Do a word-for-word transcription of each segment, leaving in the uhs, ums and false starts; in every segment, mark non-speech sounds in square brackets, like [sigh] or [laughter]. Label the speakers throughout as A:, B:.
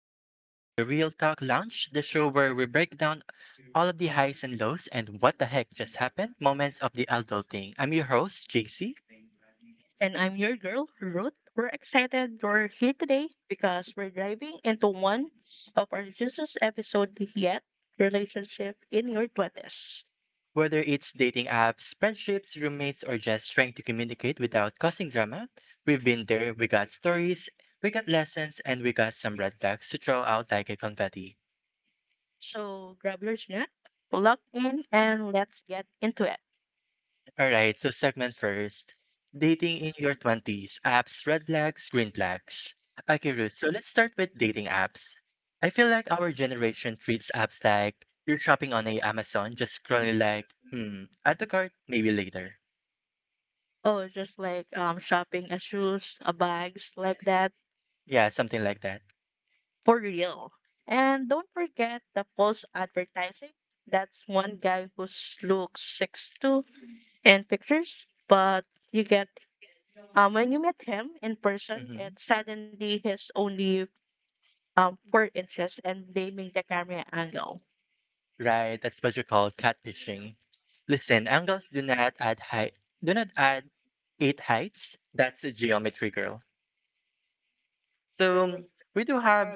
A: Welcome back to the Real Talk Lounge, the show where we break down all of the highs and lows and what the heck just happened moments of the adulting. I'm your host, J C.
B: And I'm your girl, Ruth. We're excited you're here today because we're diving into one of our juiciest episode yet, relationship in your twenties.
A: Whether it's dating apps, friendships, roommates, or just trying to communicate without causing drama, we've been there, we got stories, we got lessons, and we got some red flags to throw out like a confetti.
B: So grab your snack, lock in, and let's get into it.
A: Alright, so segment first. Dating in your twenties, apps, red flags, green flags. Okay, Ruth, so let's start with dating apps. I feel like our generation treats apps like you're shopping on a Amazon, just scrolling like, hmm, add to cart, maybe later.
B: Oh, just like um, shopping a shoes, a bags, like that,
A: Yeah, something like that.
B: for real. And don't forget the false advertising. That's one guy who looks six two in pictures, but you get Um, when you meet him in person,
A: hmm
B: it's suddenly his only um, four inches and blaming the camera angle.
A: Right, that's what you call catfishing. Listen, angles do not add height, do not add eight heights. That's a geometry girl. So um, we do have.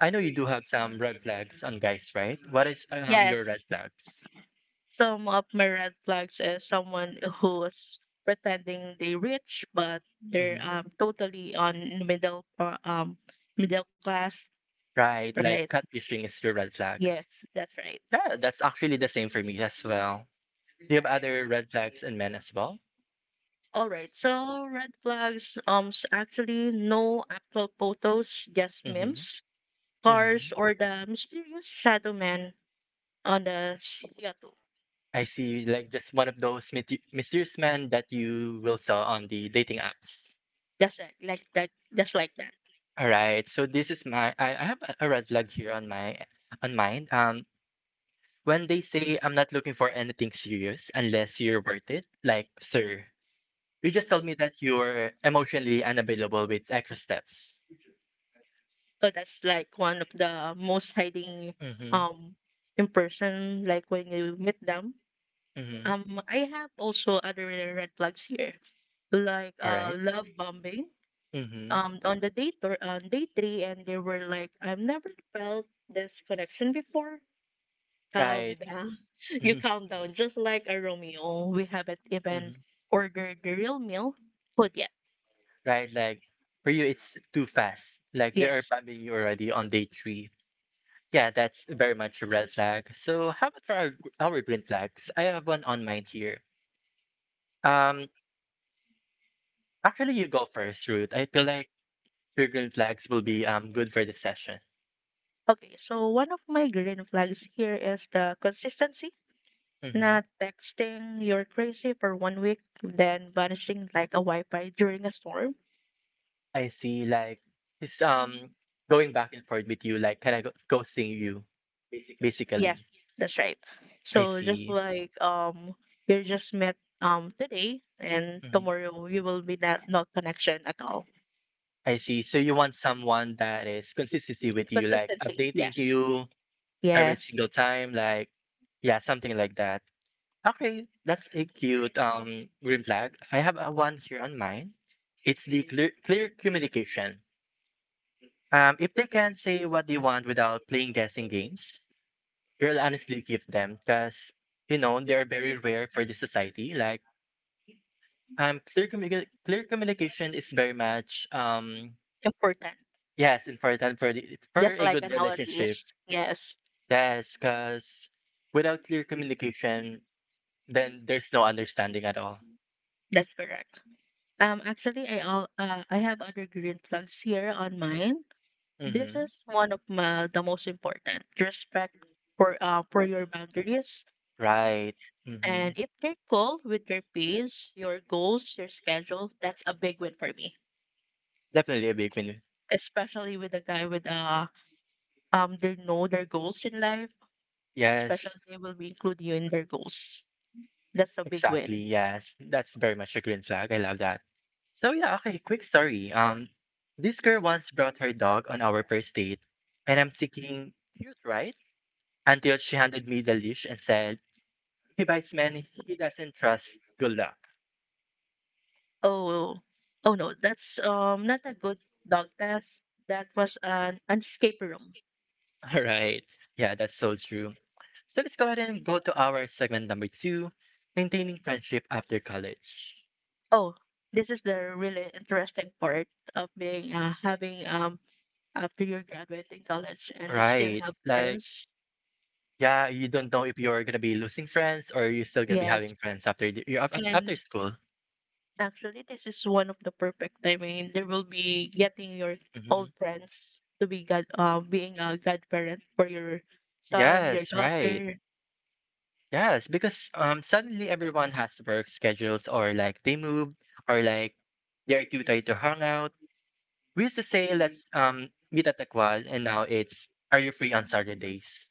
A: I know you do have some red flags on guys, right? What is um your red
B: Yes,
A: flags?
B: some of my red flags is someone who's pretending they rich, but they're
A: hmm
B: um, totally on middle or um, middle class,
A: Right, like
B: right?
A: catfishing is your red flag.
B: Yes, that's right.
A: Yeah, that's actually the same for me as well. Do you have other red flags in men as well?
B: All right, so red flags um s- actually no actual photos, just
A: Mm-hmm.
B: memes,
A: Mm-hmm.
B: cars, or the mysterious shadow man on the C O two.
A: I see, like just one of those mythi- mysterious men that you will saw on the dating apps.
B: That's right, like like that, just like that.
A: All right, so this is my I, I have a a red flag here on my on mine. Um, When they say I'm not looking for anything serious unless you're worth it, like, sir, you just told me that you're emotionally unavailable with extra steps.
B: So that's like one of the most hiding
A: Mm-hmm.
B: um in person, like when you meet them.
A: Mm-hmm.
B: Um, I have also other red flags here, like
A: All
B: uh
A: right.
B: love bombing.
A: Mm-hmm.
B: Um, on the date or on day three, and they were like, "I've never felt this connection before." Calm
A: Right.
B: down, [laughs] you
A: Mm-hmm.
B: calm down, just like a Romeo. We haven't
A: hmm
B: even ordered the real meal food yet.
A: Right, like for you, it's too fast. Like they are
B: Yes.
A: bumping you already on day three. Yeah, that's very much a red flag. So how about for our, gr- our green flags? I have one on mine here. Um, Actually, you go first, Ruth. I feel like your green flags will be um good for the session.
B: Okay, so one of my green flags here is the consistency,
A: Mm-hmm.
B: not texting you're crazy for one week, then vanishing like a Wi-Fi during a storm.
A: I see, like it's um going back and forth with you. Like, kind of ghosting you, basically?
B: Yes, that's right.
A: I
B: So
A: see.
B: just like um you're just met um today and
A: Mm-hmm.
B: tomorrow you will be not no connection at all.
A: I see. So you want someone that is consistency with you, like
B: Consistency,
A: updating to
B: yes.
A: you every
B: Yes.
A: single time, like yeah, something like that. Okay, that's a cute um green flag. I have a one here on mine. It's the clear clear communication. Um, if they can say what they want without playing guessing games, we'll honestly give them because you know they are very rare for the society. Like um, clear commu- clear communication is very much um
B: Important.
A: yes important for the for
B: Just
A: a
B: like
A: good relationship.
B: nowadays. Yes,
A: Yes, because without clear communication, then there's no understanding at all.
B: that's correct. Um, actually, I all uh, I have other green flags here on mine. This
A: Mm-hmm.
B: is one of my the most important respect for uh for your boundaries.
A: Right. Mm-hmm.
B: And if they're cool with your pace, your goals, your schedule, that's a big win for me.
A: Definitely a big win.
B: Especially with a guy with uh um they know their goals in life.
A: Yes.
B: Especially they will be including you in their goals. That's a big
A: Exactly.
B: win.
A: Yes. That's very much a green flag. I love that. So yeah, okay, quick story. Um this girl once brought her dog on our first date and I'm thinking cute, right? Until she handed me the leash and said, he bites men he doesn't trust. Good luck.
B: Oh, oh no, that's um not a good dog test. That was an escape room.
A: [laughs] All right. Yeah, that's so true. So let's go ahead and go to our segment number two, maintaining friendship after college.
B: Oh, this is the really interesting part of being uh, having um after you're graduating college and you still
A: Right.
B: have
A: Like
B: friends.
A: yeah,
B: Yes,
A: you don't know if you're gonna be losing friends or you're still gonna be yes having friends after the you af af after
B: and
A: school.
B: actually this is one of the perfect timing. There will be getting your old
A: Mhm.
B: friends to be god uh, being a godparent for your son, your
A: Yes, right.
B: daughter.
A: Yes, because um suddenly everyone has work schedules or like they move or like they're too tired to hang out. We used to say let's um meet at the quad and now it's are you free on Saturdays?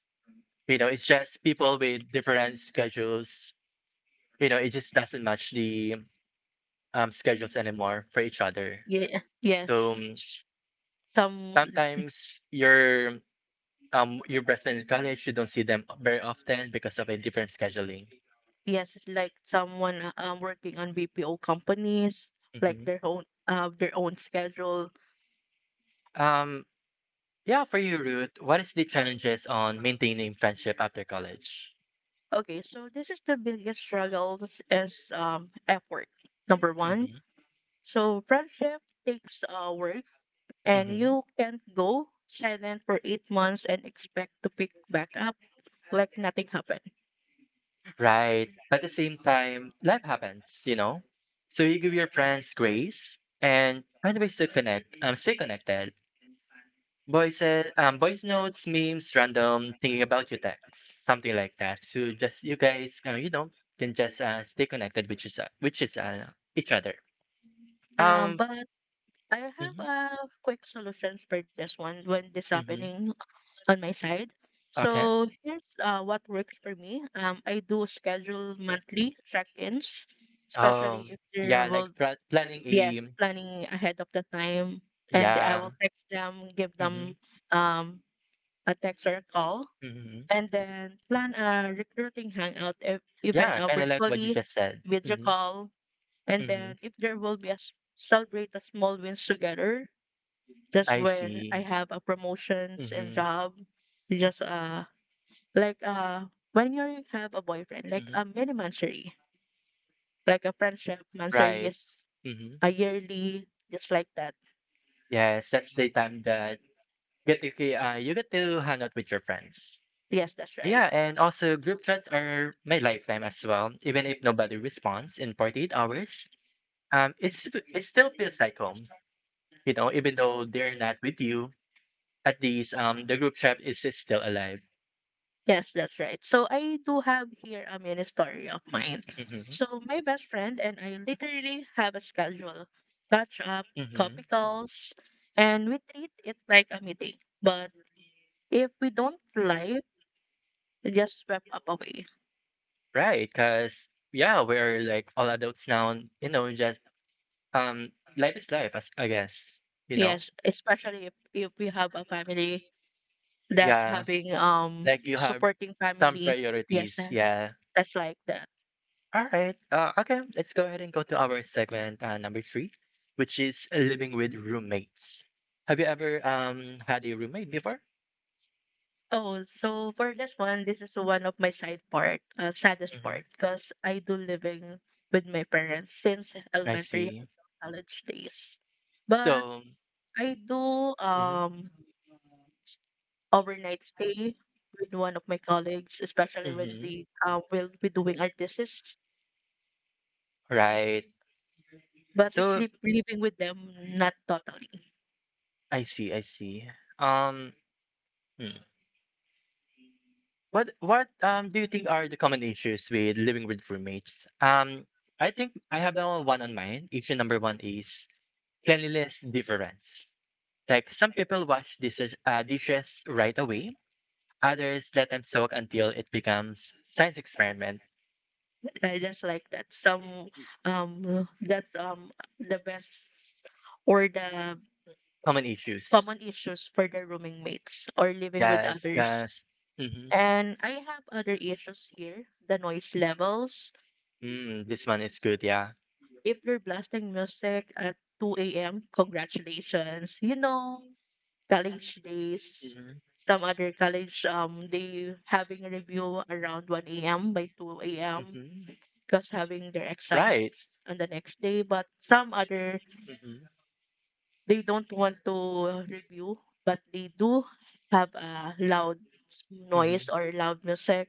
A: You know, it's just people with different schedules. You know, it just doesn't match the um schedules anymore for each other.
B: Yeah, yes.
A: So um,
B: s- Some.
A: Sometimes your um your best friend in college, you don't see them very often because of a different scheduling.
B: Yes, it's like someone uh, um, working on B P O companies, like
A: Mhm.
B: their own uh, their own schedule.
A: Um, yeah, for you, Ruth, what is the challenges on maintaining friendship after college?
B: Okay, so this is the biggest struggles is um effort. Number one,
A: Mhm.
B: so friendship takes uh, work, and
A: Mm-hmm.
B: you can't go silent for eight months and expect to pick back up like nothing happened.
A: Right. But at the same time, life happens, you know? So you give your friends grace and find ways to connect, um, stay connected. Voices, um, voice notes, memes, random thinking about you texts, something like that. So just you guys, uh, you know, can just uh, stay connected, which is uh, which is uh, each other.
B: Um,
A: Um.
B: but I have
A: mhm.
B: a quick solutions for this one when this
A: Mm-hmm.
B: happening. On my side.
A: Okay.
B: So here's uh, what works for me. Um, I do schedule monthly check-ins, especially
A: Um,
B: if
A: yeah,
B: there will.
A: like pla- planning
B: Planning. Yes,
A: a, mm,
B: planning ahead of the time, and I
A: yeah.
B: will text them, give
A: Mm-hmm.
B: them um a text or a call,
A: Mm-hmm.
B: and then plan a recruiting hangout ev- event
A: Yeah,
B: uh,
A: kind of like what you
B: virtually,
A: just said.
B: video
A: Mm-hmm.
B: call, and
A: Mm-hmm.
B: then if there will be a s- celebrate the small wins together. Just
A: I
B: when I
A: see.
B: have a promotions and
A: Mm-hmm.
B: job, just uh like uh when you have a boyfriend like
A: Mm-hmm.
B: a mini monthsary like a friendship monthsary
A: Right.
B: is
A: Mhm.
B: a yearly just like that,
A: Yes, that's the time that get to ki- uh, you get to hang out with your friends.
B: yes, that's right,
A: Yeah, and also group chats are my lifetime as well. Even if nobody responds in forty-eight hours, um, it's it
B: it still
A: still
B: feels
A: feels
B: that.
A: like home. You know, even though they're not with you, at least um the group chat is is still alive.
B: Yes, that's right. So I do have here a mini story of mine.
A: Mm-hmm.
B: So my best friend and I literally have a schedule, catch up,
A: Mm-hmm.
B: copy calls, and we treat it like a meeting. But if we don't live, we just swept up away.
A: Right, because yeah, we're like all adults now. and, You know, just um, life is life, as I guess. You know.
B: Yes, especially if, if we have a family that
A: Yeah,
B: having um
A: like you have
B: supporting
A: some
B: family, yes,
A: priorities.
B: that,
A: Yeah.
B: that's like that.
A: All right. Uh, okay. Let's go ahead and go to our segment uh, number three, which is living with roommates. Have you ever um had a roommate before?
B: Oh, so for this one, this is one of my side part uh, saddest
A: hmm
B: part because I do living with my parents since
A: I
B: elementary
A: see.
B: and college days, but
A: So.
B: I do
A: Mhm,
B: um overnight stay with one of my colleagues especially when
A: mhm.
B: they uh, will be doing our thesis,
A: Right.
B: but I
A: So
B: sleep living with them not totally.
A: I see, I see. Um, hmm. What what um do you think are the common issues with living with roommates? Um, I think I have a one on mind. Issue number one is cleanliness difference. Like some people wash dishes, uh, dishes right away, others let them soak until it becomes science experiment.
B: I just like that. Some um that's um the best or the
A: Common issues.
B: common issues for the rooming mates or living with
A: Yes,
B: others.
A: yes. Mm-hmm.
B: And I have other issues here, the noise levels.
A: Mm, this one is good, yeah.
B: If you're blasting music at two a m, congratulations. You know, college days,
A: Mm-hmm.
B: some other college um they having a review around one a m by two a m
A: Mm-hmm.
B: because having their exams
A: Right.
B: on the next day, but some other.
A: Mhm.
B: They don't want to review, but they do have a loud noise
A: Mhm.
B: or loud music.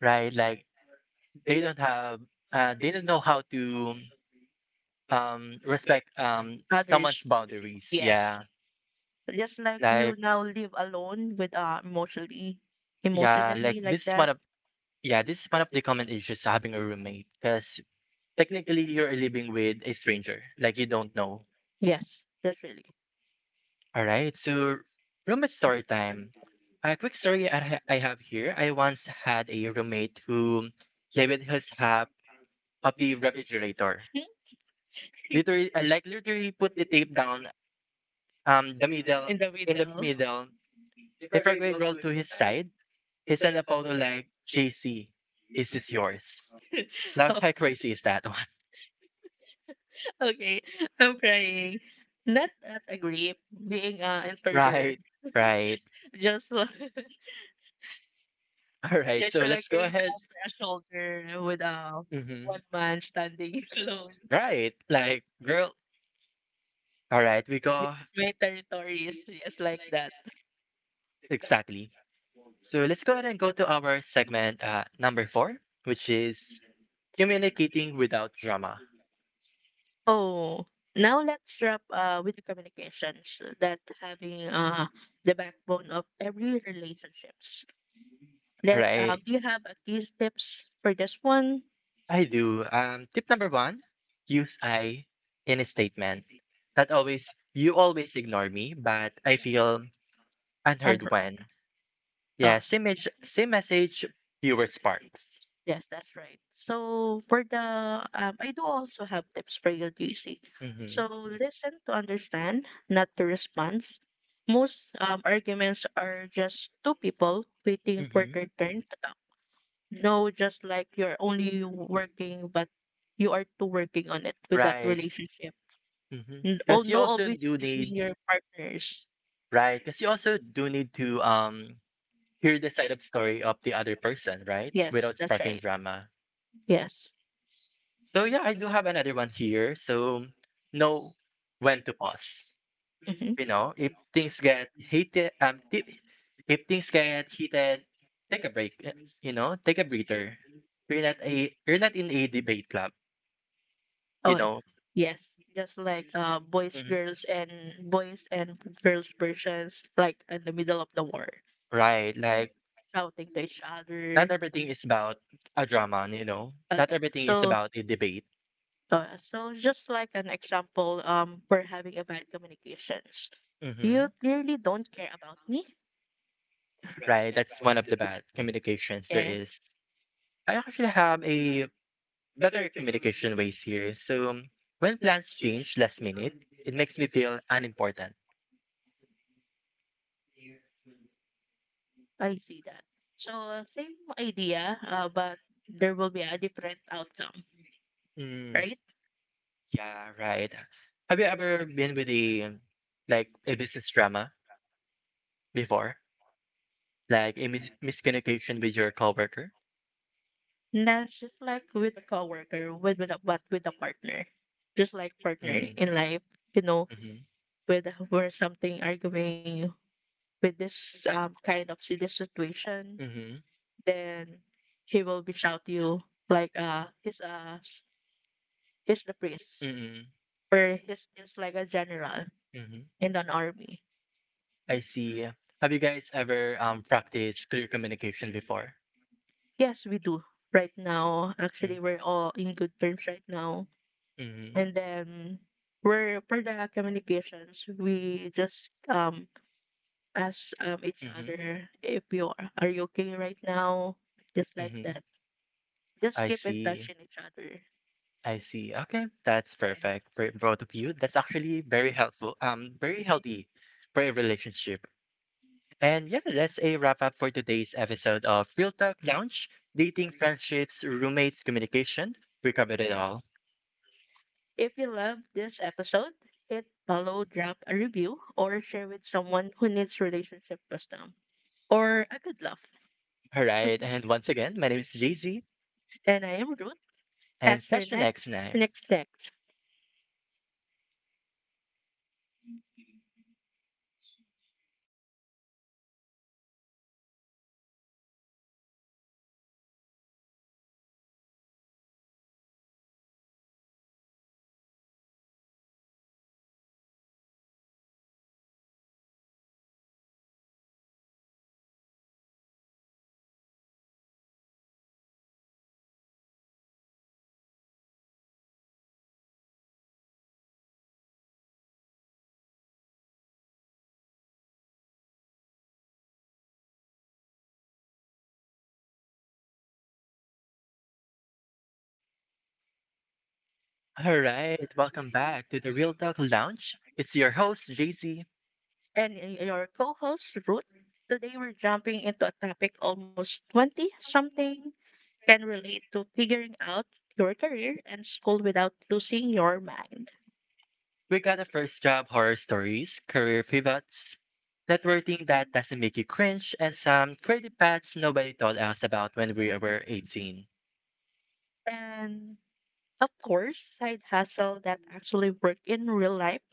A: Right, like they don't have uh they don't know how to um respect um someone's
B: Others,
A: boundaries.
B: yes,
A: Yeah.
B: just like you
A: Like
B: now live alone with uh emotionally,
A: yeah, like
B: emotionally like
A: this is one
B: that.
A: of yeah, this is one of the common issues having a roommate because technically you're living with a stranger. Like you don't know.
B: Yes, that's really
A: All right. So roommate story time. A quick story I, ha- I have here. I once had a roommate who labeled his half of the refrigerator.
B: [laughs]
A: Literally, I like literally put the tape down, um, the middle
B: in the
A: in the
B: middle.
A: middle. If our grade rolled to his side, he sent a photo like, "J C, is this yours." Like,
B: Oh,
A: how crazy is that one? [laughs]
B: [laughs] okay, I'm crying. Not at a grip, being uh, intruder.
A: Right, right,
B: Just. [laughs]
A: all right.
B: Yes, so
A: So
B: like
A: let's
B: you
A: go ahead.
B: encounter a shoulder with a one
A: Mm-hmm.
B: man standing [laughs] alone.
A: Right, like, girl. All right, we
B: This
A: go
B: is my territories, just like that.
A: exactly. So let's go ahead and go to our segment uh, number four, which is communicating without drama.
B: Oh, now let's wrap uh with the communications that having uh the backbone of every relationships.
A: All
B: That
A: right.
B: um, Do you have a key tips for this one?
A: I do. Um, tip number one, use I in a statement. That always, you always ignore me, but I feel
B: And
A: unheard
B: her,
A: when.
B: uh,
A: Yeah, same, message, same message, fewer sparks.
B: yes, that's right. So for the um, I do also have tips for you, J C.
A: Mm-hmm.
B: So listen to understand, not to respond. Most um, arguments are just two people waiting for
A: Mm-hmm.
B: their turn to talk. No, just like you're only working, but you are two working on it with that
A: Right.
B: relationship. N- al-
A: Because you
B: No,
A: also
B: always
A: do
B: blaming
A: need,
B: your partners.
A: right? Because you also do need to um hear the side of story of the other person, right?
B: Yes,
A: Without
B: that's
A: sparking
B: right.
A: drama.
B: Yes.
A: So yeah, I do have another one here. So know when to pause.
B: Mhm.
A: You know, if things get heated, um, if, if things get heated, take a break. eh, You know, take a breather. You're not a you're not in a debate club. You
B: Oh,
A: know,
B: yes. Just like uh, boys,
A: Mhm.
B: girls, and boys and girls versions, like in the middle of the war,
A: right? Like
B: shouting to each
A: not
B: other.
A: everything is about a drama. You know, not
B: Okay,
A: everything is
B: so
A: about a debate.
B: uh, so just like an example, um, for having a bad communications, you
A: hmm
B: clearly don't care about me.
A: Right? That's one of the bad communications there
B: Yeah,
A: is. I actually have a better communication ways here. So um, when plans change last minute, it makes me feel unimportant.
B: I see that. So uh, same idea, uh, but there will be a different outcome,
A: Mm,
B: right?
A: yeah, right. Have you ever been with a um, like a business drama before, like a mis- miscommunication with your coworker?
B: No, it's just like with a coworker, with with a, but with a partner, just like partner
A: Mm,
B: in life, you know,
A: mm-hmm,
B: with where something arguing with this um kind of si- this situation,
A: mm-hmm,
B: then he will be shout you like uh he's uh s- he's the priest
A: mm-hmm,
B: or he's just like a general
A: mm-hmm.
B: in an army.
A: I see. Have you guys ever um practiced clear communication before?
B: Yes, we do right now.
A: Mm,
B: Actually, we're all in good terms right now,
A: mm-hmm,
B: and then. We're, for the communications, we just um ask um, each
A: mm-hmm.
B: other if you are, are you okay right now, just like
A: Mhm.
B: that. Just
A: I
B: keep in touch
A: see.
B: in each other.
A: I see. Okay, that's perfect for both of you. That's actually very helpful, um, very healthy for a relationship. And yeah, that's a wrap up for today's episode of Real Talk Lounge, dating, friendships, roommates, communication. We covered it all.
B: If you love this episode, hit follow, drop a review, or share with someone who needs relationship wisdom or a good laugh.
A: All right. And once again, my name is Jay Z,
B: And I am Ruth.
A: and
B: Catch your
A: catch you next
B: next,
A: time.
B: next, next.
A: All right. Welcome back to the Real Talk Lounge. It's your host, Jay Z.
B: And y- your co-host Ruth. Today we're jumping into a topic almost 20 something can relate to figuring out your career and school without losing your mind.
A: We got a first job horror stories, career pivots, networking that doesn't make you cringe, and some creative paths nobody told us about when we were eighteen.
B: And of course, side hustle that actually work in real life.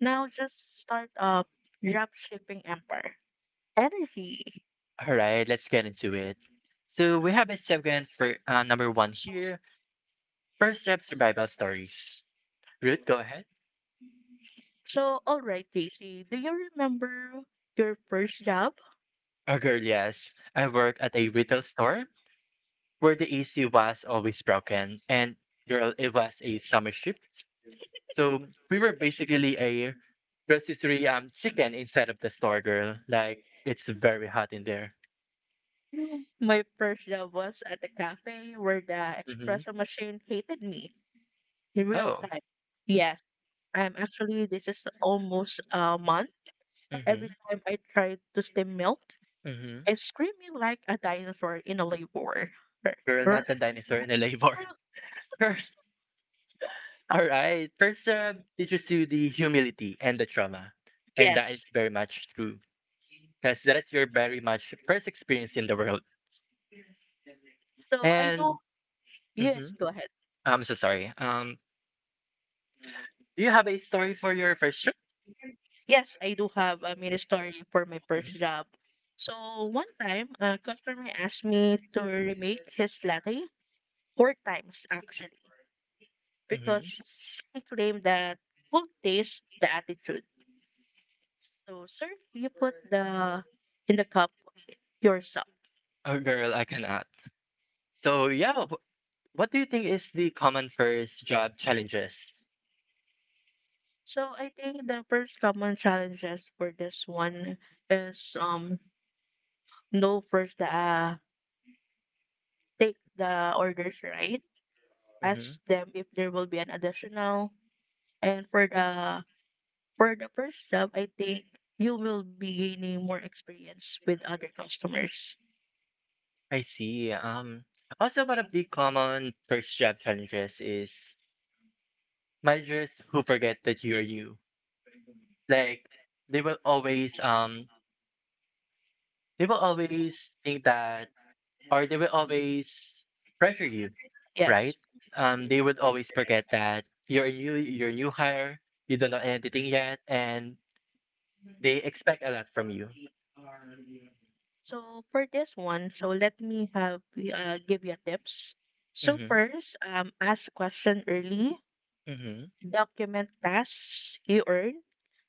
B: Now just start up drop shipping empire. Energy.
A: All right, let's get into it. So we have a segment for uh, number one here first job survival stories. Ruth, go ahead.
B: So all right, Daisy, do you remember your first job? [laughs]
A: Oh, girl, yes. I worked at a retail store where the A C was always broken, and girl, it was a summer shift, so we were basically a rotisserie um chicken inside of the store, girl. Like it's very hot in there.
B: Mm. My first job was at a cafe where the
A: hmm
B: espresso machine hated me in real
A: Oh.
B: time. Yes, I'm actually this is almost a month. Every
A: Mm-hmm.
B: time I tried to steam milk,
A: Mm-hmm.
B: I'm screaming like a dinosaur in a labor. [laughs]
A: Girl, not the dinosaur in the labor. [laughs] Girl, all right. [laughs] First, uh, teaches you the humility and the trauma, and that is
B: Yes.
A: very much true because that is your very much first experience in the world.
B: So I do,
A: And
B: yes,
A: Mhm.
B: go ahead.
A: I'm so sorry. Um, do you have a story for your first trip?
B: Yes, I do have a mini story for my first
A: Mhm,
B: job. So one time, a customer asked me to remake his latte four times actually,
A: mhm.
B: because he claimed that cold taste the attitude. So, sir, you put the in the cup yourself.
A: Oh, girl, I cannot. So, yeah, wh- what do you think is the common first job challenges?
B: So I think the first common challenges for this one is um no first uh take the orders right,
A: Mm-hmm.
B: ask them if there will be an additional. And for the for the first job, I think you will be gaining more experience with other customers.
A: I see. Um, also one of the common first job challenges is managers who forget that you're you. Like they will always um they will always think that or they will always pressure you, right?
B: Yes.
A: Um, they would always forget that you're a new, you're a new hire, you don't know anything yet, and they expect a lot from you.
B: So for this one, so let me have uh, give you tips. So
A: Mm-hmm.
B: first, um, ask question early.
A: Mm-hmm.
B: Document tasks you earn.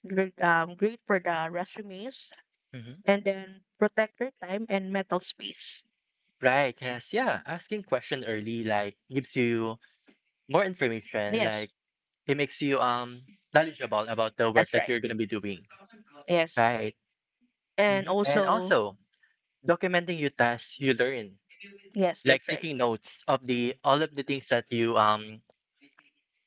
B: Great, um, great for the resumes,
A: Mm-hmm.
B: and then protect your time and mental space.
A: Right. Yes. Yeah. Asking question early like gives you more information.
B: Yes,
A: Like it makes you um knowledgeable about the work
B: that's
A: that
B: right.
A: you're gonna be doing.
B: Yes.
A: Right.
B: And
A: Mm-hmm. And
B: also,
A: also documenting your tasks you learn,
B: yes,
A: like
B: that's right.
A: taking notes of the all of the things that you um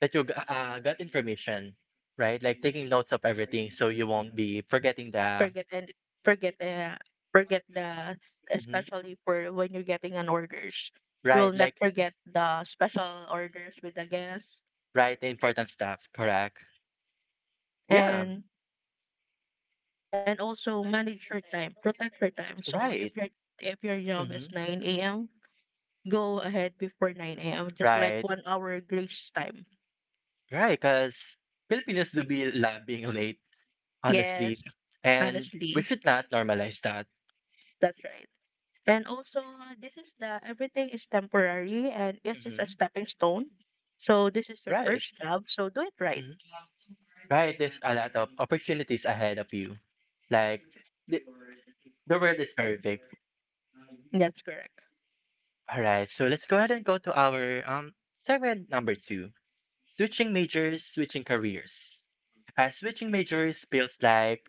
A: That you g uh, got information, right? Like taking notes of everything so you won't be forgetting the
B: Forget and forget uh, forget the
A: mhm.
B: especially for when you're getting an orders. You will
A: Right,
B: not
A: like
B: forget the special orders with the guests,
A: right, the important stuff, correct? Yeah.
B: and and also manage your time, protect your time. So if
A: Right.
B: your if your job is
A: Hmm.
B: nine a.m., go ahead before nine a.m. Just like
A: Right.
B: one hour grace time.
A: Right. Because Filipinos do be love being late, honestly.
B: Yes,
A: And we
B: honestly,
A: should not normalize that.
B: that's right. And also, this is the everything is temporary and it's just a
A: Hmm.
B: stepping stone. So this is your
A: Right.
B: first job, so do it right.
A: Hmm. Right. There's a lot of opportunities ahead of you. Like, the, the world is very big.
B: That's correct.
A: All right, so let's go ahead and go to our um segment number two. Switching majors, switching careers. Uh, switching majors feels like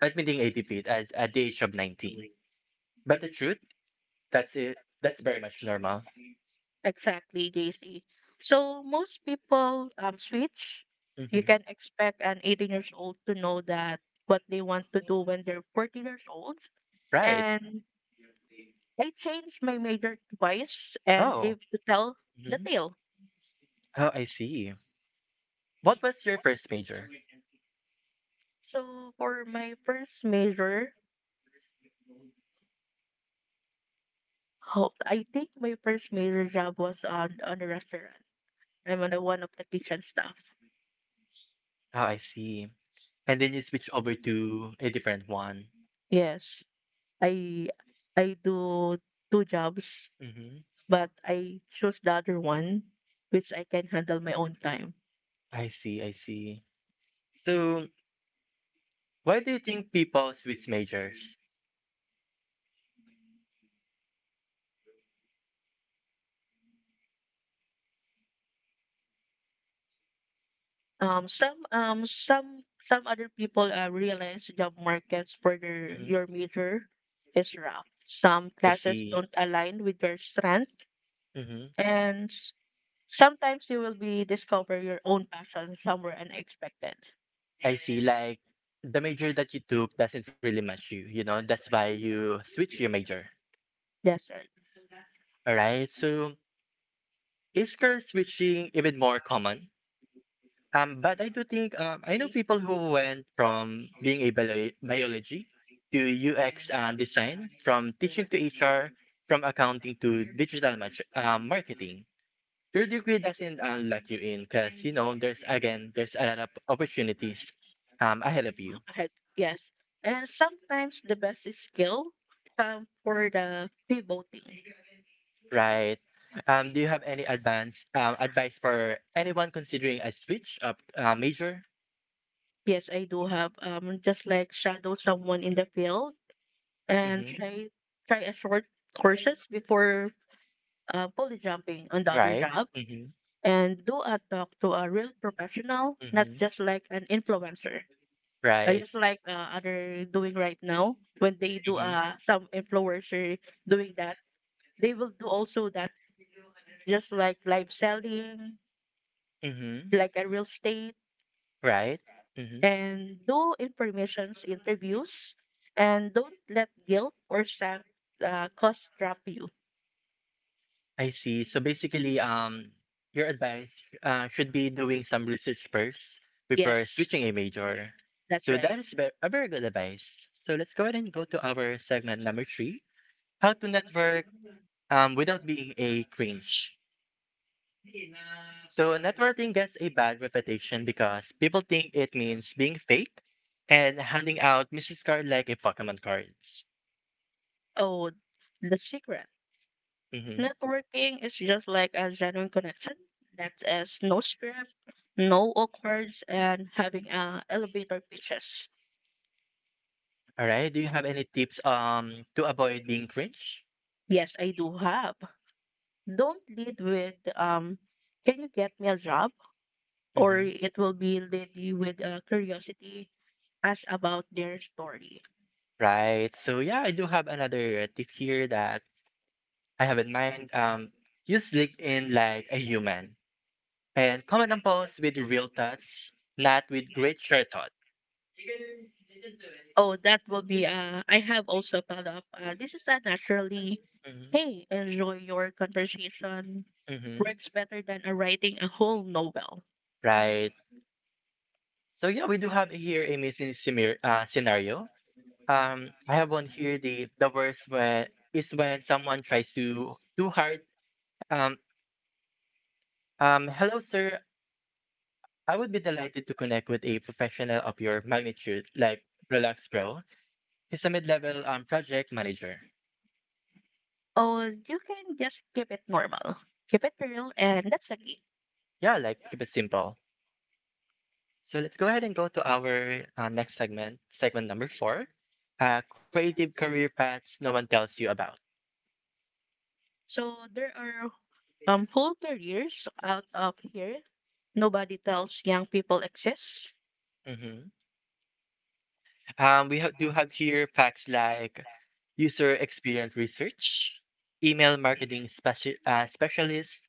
A: admitting a defeat as at the age of nineteen. But the truth, that's it. That's very much normal.
B: Exactly, J C. So most people um switch. You
A: Hmm.
B: can expect an eighteen years old to know that what they want to do when they're forty years old.
A: Right.
B: And I changed my major twice and
A: Oh.
B: live to tell the
A: Mhm.
B: tale.
A: Oh, I see. What was your first major?
B: So for my first major, oh, I think my first major job was on on a restaurant. I'm on the one of the kitchen staff.
A: Oh, I see. And then you switch over to a different one.
B: Yes, I I do two jobs,
A: Hmm.
B: but I choose the other one, which I can handle my own time.
A: I see. I see. So why do you think people switch majors?
B: Um, some um some some other people uh, realize job markets for their
A: Hmm.
B: your major is rough. Some
A: I
B: classes
A: see.
B: don't align with your strength,
A: Hmm.
B: and sometimes you will be discover your own passion somewhere unexpected.
A: I see. Like the major that you took doesn't really match you, you know, that's why you switch your major.
B: Yes, right.
A: All right. So is career switching even more common? Um, but I do think um, I know people who went from being a bio- biology to U X and design, from teaching to H R, from accounting to digital mar- uh, marketing. Your degree doesn't uh, lock you in because, you know, there's again, there's a lot of opportunities um, ahead of you,
B: Ahead. Yes. And sometimes the best is skill um for the pivoting.
A: right? Um, do you have any advance um, advice for anyone considering a switch up uh, major?
B: Yes, I do have um just like shadow someone in the field and
A: Hmm.
B: try try a short courses before uh, poly jumping on the other
A: Right.
B: job,
A: Hmm.
B: and do a talk to a real professional, not
A: Hmm.
B: just like an influencer. Uh,
A: Right.
B: just like uh,
A: Hmm.
B: other doing right now. When they do uh some influencer doing that, they will do also that, just like live selling,
A: Hmm.
B: like a real estate,
A: Right. Hmm.
B: and do informations interviews, and don't let guilt or sad uh, cost trap you.
A: I see. So basically, um, your advice uh, should be doing some research first before
B: Yes,
A: switching a major.
B: that's
A: So
B: right.
A: that is ve- a very good advice. So let's go ahead and go to our segment number three: how to network um, without being a cringe. So networking gets a bad reputation because people think it means being fake and handing out business card like a Pokemon cards.
B: Oh, the secret
A: Mm-hmm.
B: networking is just like a genuine connection that is no script, no awkwards, and having uh, elevator pitches.
A: All right. Do you have any tips um to avoid being cringe?
B: Yes, I do have. Don't lead with um can you get me a job? Or
A: Mm-hmm.
B: it will be lead you with uh, curiosity as about their story.
A: Right. So yeah, I do have another uh, tip here that I have in mind. Um, use LinkedIn like a human and comment on posts with real thoughts, not with great share thoughts.
B: Oh, that will be uh I have also follow up. Uh, this is a naturally
A: Mm-hmm.
B: hey, enjoy your conversation.
A: Mm-hmm.
B: Works better than uh, writing a whole novel.
A: Right. So yeah, we do have here a missing simir- uh, scenario. Um, I have one here. The the worst when is when someone tries to too hard. Um, um, Hello, sir. I would be delighted to connect with a professional of your magnitude, like Relax Bro. He's a mid-level um, project manager.
B: Oh, you can just keep it normal. Keep it real, and that's the key.
A: Yeah, like keep it simple. So let's go ahead and go to our uh, next segment, segment number four, uh, creative career paths no one tells you about.
B: So there are um whole careers out of here. Nobody tells young people exists.
A: Mhm. Um, we ha- do have here facts like user experience research, email marketing speci- uh, specialist,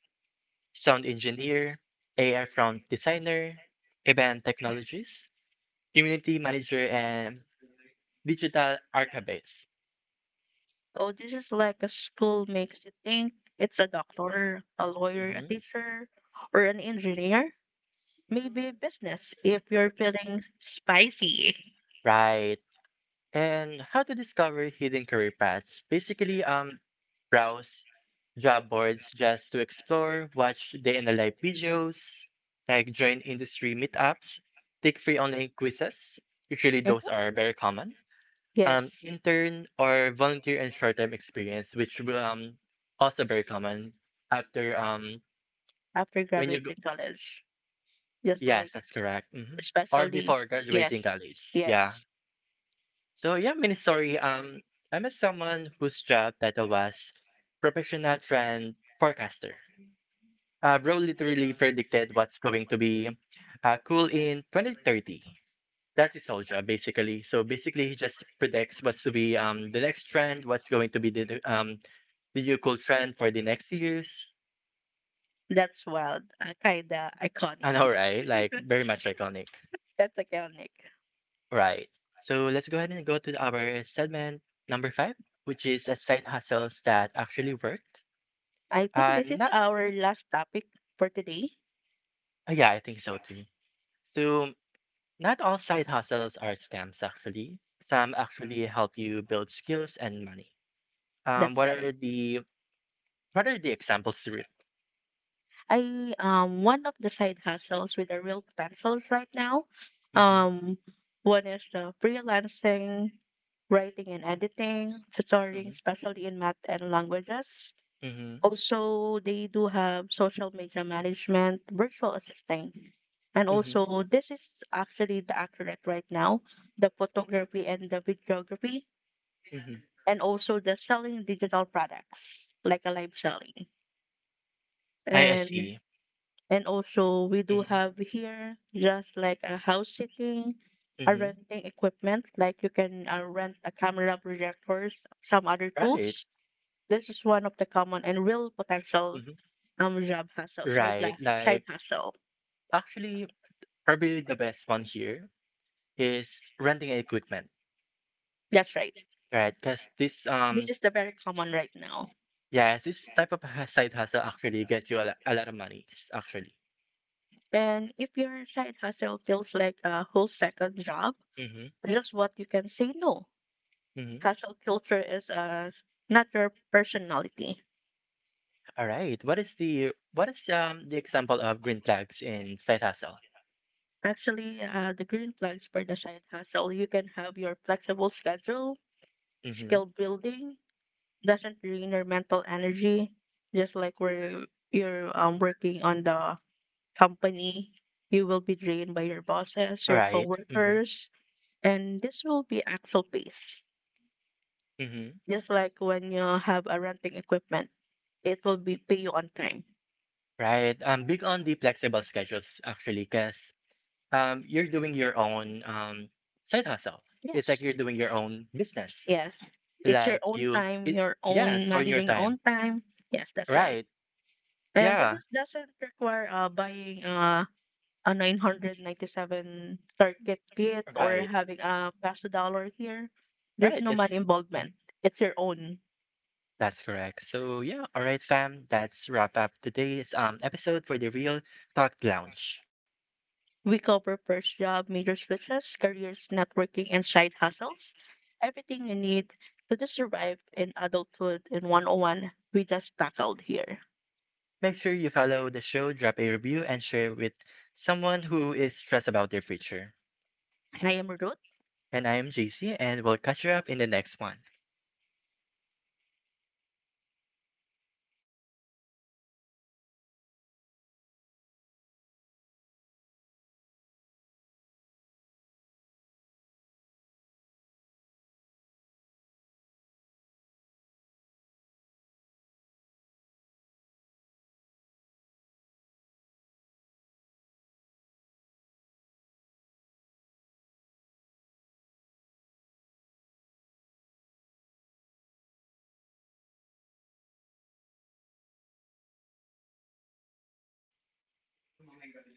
A: sound engineer, A R front designer, event technologist, community manager and digital archivist.
B: Oh, this is like a school makes you think it's a doctor, a lawyer, a
A: Mhm.
B: teacher, or an engineer. Maybe business if you're feeling spicy.
A: Right. And how to discover hidden career paths. Basically, um, browse job boards just to explore, watch day and live videos, like join industry meetups, take free online quizzes. Usually
B: Mhm.
A: those are very
B: [laughs]
A: common. Um,
B: Yes,
A: intern or volunteer and short-term experience, which will um also very common after um
B: after
A: when you go,
B: graduating college. Just
A: yes,
B: like
A: that's correct. Hmm. Or
B: especially
A: before graduating
B: yes,
A: college. Yeah.
B: yes.
A: So yeah, mini story. Um, I'm a someone whose job title was professional trend forecaster. Uh, bro literally predicted what's going to be uh, cool in twenty thirty. That's his whole job, basically. So basically, he just predicts what's to be um the next trend, what's going to be the the, um the new cool trend for the next years.
B: That's wild. Uh, kinda iconic.
A: I know, right? Like
B: [laughs]
A: very much iconic.
B: That's iconic.
A: Right. So let's go ahead and go to our segment number five, which is a side hustles that actually worked.
B: I think
A: Uh,
B: this is
A: not,
B: our last topic for today.
A: uh, yeah, I think so too. So not all side hustles are scams, actually. Some actually help you build skills and money. Um,
B: That's
A: what are
B: right.
A: the what are the examples to it?
B: I um one of the side hustles with a real potential right now. Um, One is the freelancing, writing and editing, tutoring,
A: Mm-hmm.
B: especially in math and languages.
A: Mm-hmm.
B: Also, they do have social media management, virtual assisting, and
A: Mm-hmm.
B: also this is actually the accurate right now, the photography and the videography,
A: Mm-hmm.
B: and also the selling digital products like a live selling
A: I, I
B: and.
A: see.
B: And also, we do
A: Mm-hmm.
B: have here just like a house sitting, a
A: Mm-hmm.
B: renting equipment, like you can uh, rent a camera, projectors, some other
A: Right.
B: tools. This is one of the common and real potential
A: Mhm.
B: um job hustle, side
A: Right.
B: la- side
A: Like
B: hustle.
A: actually, probably the best one here is renting equipment,
B: That's right.
A: right? Because this
B: This
A: um
B: is the very common right now.
A: yes, this type of ha- side hustle actually get you a, lo- a lot of money s- actually.
B: And if your side hustle feels like a whole second job,
A: Mm-hmm.
B: just what you can say no.
A: Mm-hmm.
B: Hustle culture is uh, not your personality.
A: All right. What is the what is um the example of green flags in side hustle?
B: Actually, uh, the green flags for the side hustle, you can have your flexible schedule,
A: Mm-hmm.
B: skill building, doesn't drain your mental energy. Just like where you're um, working on the company, you will be drained by your bosses, your
A: Right. Mm-hmm.
B: coworkers, and this will be actual pace.
A: Mm-hmm.
B: Just like when you have a renting equipment, it will be pay you on time.
A: Right. I'm big on the flexible schedules actually, because um, you're doing your own um, side hustle. It's like
B: Yes.
A: you're doing your own business.
B: Yes. It's your
A: Like
B: own
A: you,
B: time,
A: it,
B: your own
A: yes, on your
B: managing your
A: time.
B: own time. Yes, that's right.
A: Right.
B: And this
A: Yeah.
B: is, doesn't require uh, buying uh, a nine ninety-seven start kit kit or
A: Right.
B: having a peso dollar here. There's
A: Right.
B: no
A: Yes,
B: money involvement.
A: mhm.
B: It's your own.
A: That's correct. So yeah, all right, fam. That's wrap up today's um episode for the Real Talk Lounge.
B: We cover first job, major switches, careers, networking, and side hustles. Everything you need to just survive in adulthood in one oh one, we just tackled here.
A: Make sure you follow the show, drop a review, and share with someone who is stressed about their future.
B: And I am Ruth,
A: And I am J C, and we'll catch you up in the next one.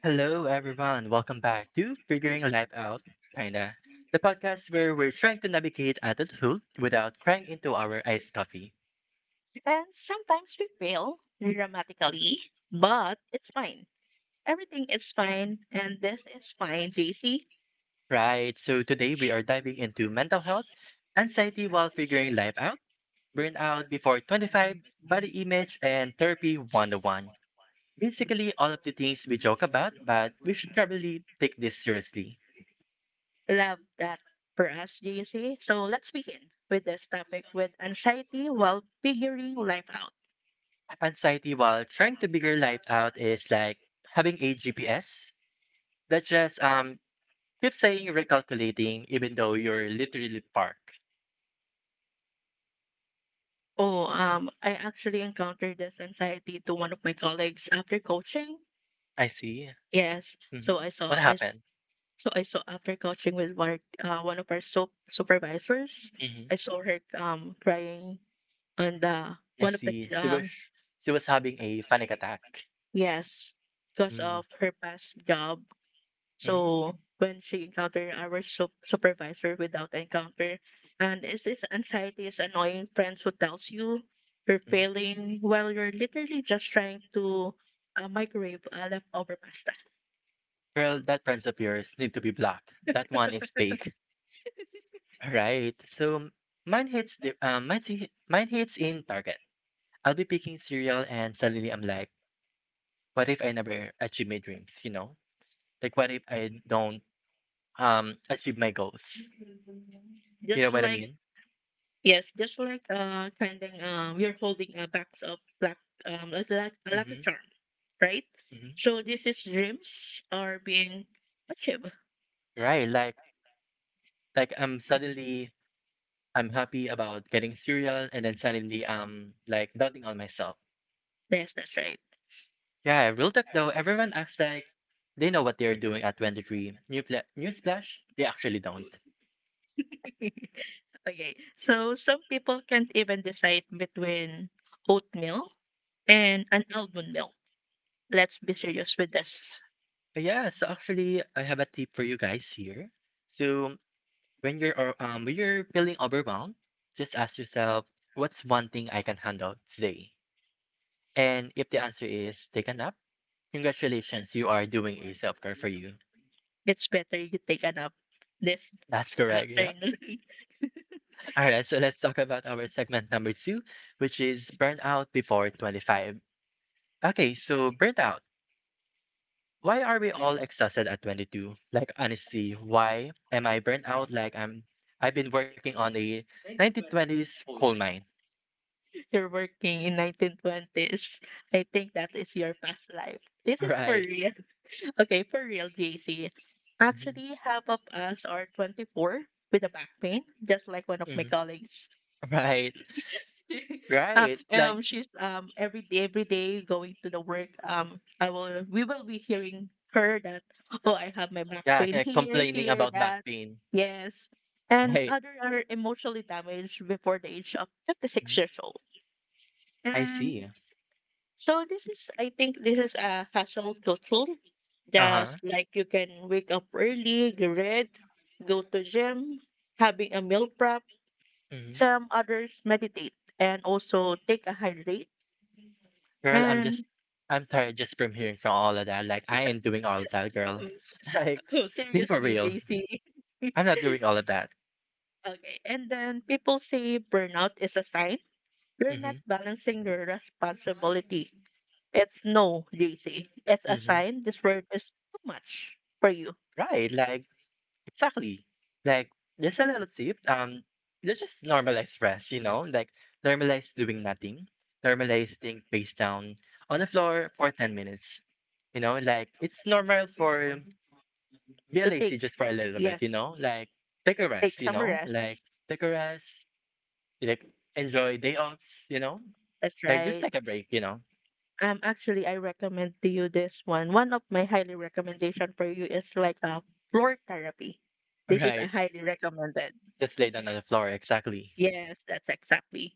A: Hello, everyone. Welcome back to Figuring Life Out, kinda, the podcast where we're trying to navigate adulthood without crying into our iced coffee.
B: and sometimes we fail dramatically, but it's fine. Everything is fine, and this is fine, J C.
A: Right, so today we are diving into mental health, anxiety while figuring life out, burnout before twenty-five, body image, and therapy one oh one. Basically, all of the things we joke about, but we should probably take this seriously.
B: Love that for us, J C. So let's begin with this topic with anxiety while figuring life out.
A: Anxiety while trying to figure life out is like having a G P S that just um keep saying recalculating even though you're literally parked.
B: Oh, um, I actually encountered this anxiety to one of my colleagues after coaching.
A: I see.
B: Yes,
A: Hmm.
B: so I
A: What
B: saw I s-
A: happened?
B: so I saw after coaching with one uh, one of our so- supervisors.
A: Hmm.
B: I saw her um crying on the
A: I
B: one of the
A: see. She was
B: um
A: she was having a panic attack.
B: yes because
A: Mm-hmm.
B: of her past job. So when she encounter our sup- supervisor without encounter, and is this anxiety is annoying friends who tells you you're failing while you're literally just trying to uh, microwave uh, leftover pasta.
A: Well, that friends of yours need to be blocked. That one is fake. All right. So mine hits the um, mine, hit- mine hits in Target. I'll be picking cereal and suddenly I'm like, what if I never achieve my dreams, you know? Like what if I don't um achieve my goals? You know
B: Just
A: what I
B: like
A: mean?
B: Yes, just like uh kind of um you're holding a box of black um a luck- a lucky
A: Mm-hmm.
B: charm, right?
A: Mm-hmm.
B: So this is dreams are being achieved.
A: Right, like like I'm suddenly I'm happy about getting cereal and then suddenly I'm like doubting on myself.
B: Yes, that's right.
A: Yeah, real talk though, everyone acts like they know what they're doing at twenty-three. New pla- newsflash, they actually don't.
B: [laughs] Okay. So some people can't even decide between oatmeal and an almond milk. Let's be serious with this.
A: But yeah, so actually I have a tip for you guys here. So When you're o- um, when you're feeling overwhelmed, just ask yourself, what's one thing I can handle today? And if the answer is take a nap, congratulations, you are doing a self-care for you.
B: It's better you take a nap this
A: That's
B: Sure.
A: correct. Yeah.
B: afternoon.
A: [laughs] All right. So let's talk about our segment number two, which is burnout before twenty-five. Okay. So burnout. Why are we all exhausted at twenty-two? Like honestly, why am I burnt out? Like I'm, I've been working on a nineteen twenties coal mine.
B: [laughs] You're working in nineteen twenties. I think that is your past life.
A: [laughs]
B: This
A: All
B: is for
A: right.
B: real. [laughs] Okay, for real, J C.
A: Mhm.
B: Actually, half of us are twenty-four with a back pain, just like one of my
A: Hmm.
B: colleagues.
A: [laughs] Right.
B: [laughs] Uh,
A: Right. Like,
B: um she's um every day every day going to the work. Um I will We will be hearing her that oh, I have my back
A: yeah,
B: pain
A: like
B: here
A: complaining
B: here
A: about back
B: that,
A: pain.
B: yes. And
A: Right.
B: other are emotionally damaged before the age of
A: Mhm.
B: fifty-six years old,
A: I
B: and
A: see.
B: so this is, I think this is a household tool.
A: Uh-huh.
B: Just like you can wake up early, get read, go to gym, having a meal prep,
A: Hmm.
B: some others meditate, and also take a hydrate.
A: Girl, I'm just, I'm tired just from hearing from all of that. Like, I ain't doing all of that, girl. [laughs] Like,
B: [laughs]
A: be for
B: Seriously,
A: real.
B: J C. [laughs]
A: I'm not doing all of that.
B: Okay, and then people say burnout is a sign you're
A: Hmm.
B: not balancing your responsibility. It's no, J C. It's a
A: Hmm.
B: sign this work is too much for you
A: Right. Like, exactly. Like there's a little tip. Um, let's just normalize rest, you know, like normalize doing nothing, normalize staying face down on the floor for ten minutes, you know, like it's normal for be
B: to take.
A: lazy just for a little bit,
B: Yes,
A: you know, like take a
B: take
A: rest, you
B: some
A: know, like
B: rest.
A: take a rest, like enjoy day offs, you know,
B: That's
A: like just
B: right.
A: take a break, you know.
B: Um, actually, I recommend to you this one. One of my highly recommendation for you is like a floor therapy.
A: [laughs] All
B: This is a
A: right,
B: highly recommended.
A: just lay down on the floor, exactly.
B: Yes, that's exactly.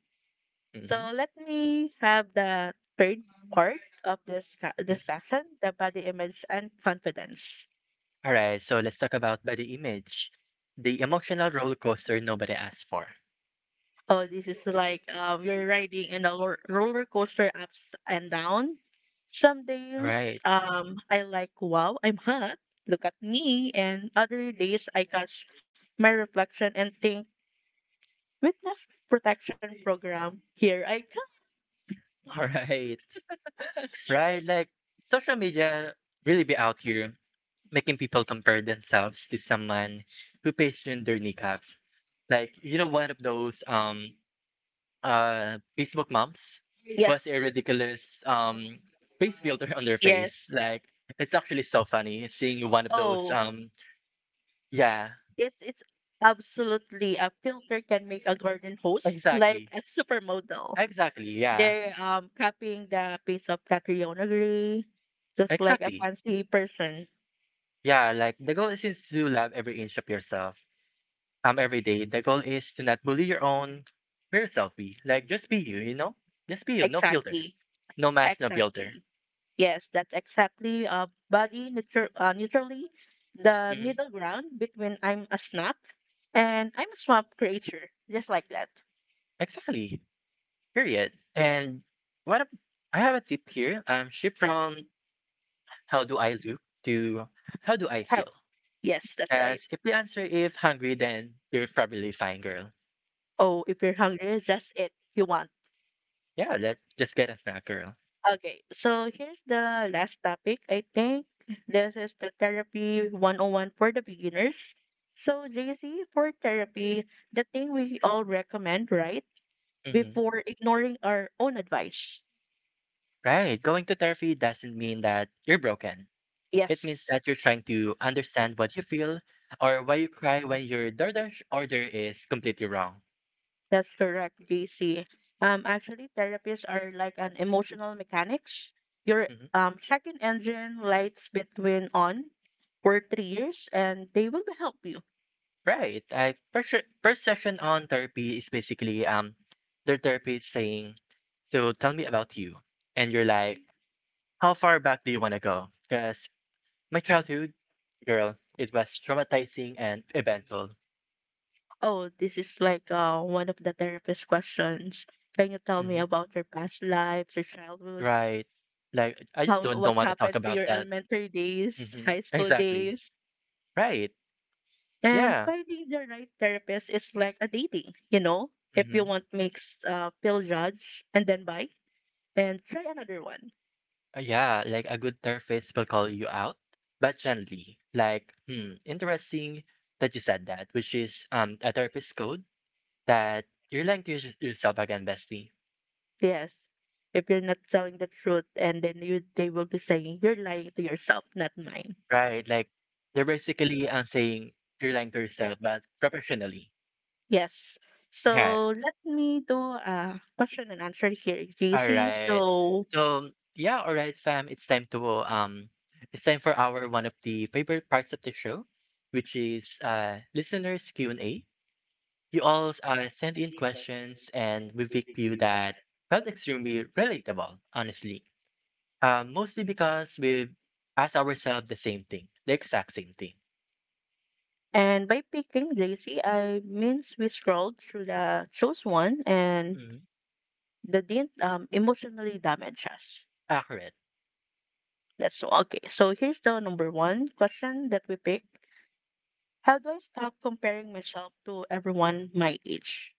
A: Mm-hmm. Mm-hmm.
B: So let me have the third part of this ca- discussion, the body image and confidence.
A: All right, so let's talk about body image, the emotional roller coaster nobody asked for.
B: Oh, this is like um, you're riding in a lo- roller coaster ups and down. Some days
A: Right,
B: um, I like, wow, I'm hot. Look at me. And other days I catch my reflection and think, witness protection program, here I come.
A: [laughs] all right, right. Like social media really be out here making people compare themselves to someone who pasted their kneecaps. Like you know, one of those um uh Facebook moms was
B: Yes.
A: a ridiculous um face filter on their
B: Yes.
A: face. Like it's actually so funny seeing one of those
B: Oh,
A: um yeah,
B: It's it's absolutely a filter can make a garden host like
A: exactly,
B: a supermodel.
A: exactly, yeah,
B: They're um copying the piece of Catriona Gray, just like a
A: exactly.
B: fancy person.
A: Yeah, like the goal isn't to love every inch of yourself. Um, every day. The goal is to not bully your own very self eh, like just be you, you know? Just be you, no filter.
B: Exactly.
A: No mask, no filter.
B: Yes, that's exactly uh body nature uh, neutrally the
A: Mhm.
B: middle ground between I'm a snob and I'm a swamp creature. Just like that.
A: Exactly. Period. And what ab- I have a tip here. Um, shift from how do I look to how do I
B: How
A: feel?
B: yes, that's right.
A: As if the answer if hungry, then you're probably fine, girl.
B: Oh, if you're hungry, just eat you want.
A: Yeah, let just get a snack, girl.
B: Okay, so here's the last topic. I think this is the therapy one oh one for the beginners. So, J C, for therapy, the thing we all recommend, right?
A: Hmm.
B: Before ignoring our own advice.
A: Right. Going to therapy doesn't mean that you're broken. It
B: Yes,
A: means that you're trying to understand what you feel or why you cry when your DoorDash order is completely wrong.
B: that's correct, J C. Um, actually, therapists are like an emotional mechanics. Your
A: Mhm.
B: um, second engine lights between on for three years, and they will help you.
A: Right. I first first session on therapy is basically um their therapist saying, "So tell me about you," and you're like, "How far back do you want to go?" Because my childhood, girl, it was traumatizing and eventful.
B: Oh, this is like uh, one of the therapist questions. Can you tell me
A: Hmm.
B: about your past life, your childhood,
A: Right. Like I just
B: how
A: don't, don't
B: what
A: want to talk
B: happened to
A: about
B: your
A: that.
B: elementary days,
A: Hmm.
B: high school
A: Exactly.
B: days?
A: Right.
B: And
A: Yeah.
B: finding the right therapist is like a dating, you know? If
A: Hmm.
B: you want mix uh pill judge and then buy and try another one.
A: Uh, yeah, like a good therapist will call you out, but gently. Like, hmm, interesting that you said that, which is um a therapist code that you're lying to yours- yourself again, bestie.
B: Yes. If you're not telling the truth and then you they will be saying you're lying to yourself, not mine.
A: Right? Like they're basically um saying you're lying to yourself, but professionally.
B: Yes.
A: Yeah.
B: So let me do a question and answer here,
A: All
B: J C.
A: right.
B: So,
A: So yeah, all right, fam. It's time to um, it's time for our one of the favorite parts of the show, which is uh listeners Q and A. You all uh, sent in questions and we picked few that felt extremely relatable, honestly. Um, mostly because we asked ourselves the same thing, the exact same thing.
B: and by picking J C, I means we scrolled through the chose one and
A: Mhm.
B: that didn't um, emotionally damage us.
A: Accurate.
B: That's all. Okay. So here's the number one question that we pick. How do I stop comparing myself to everyone my age?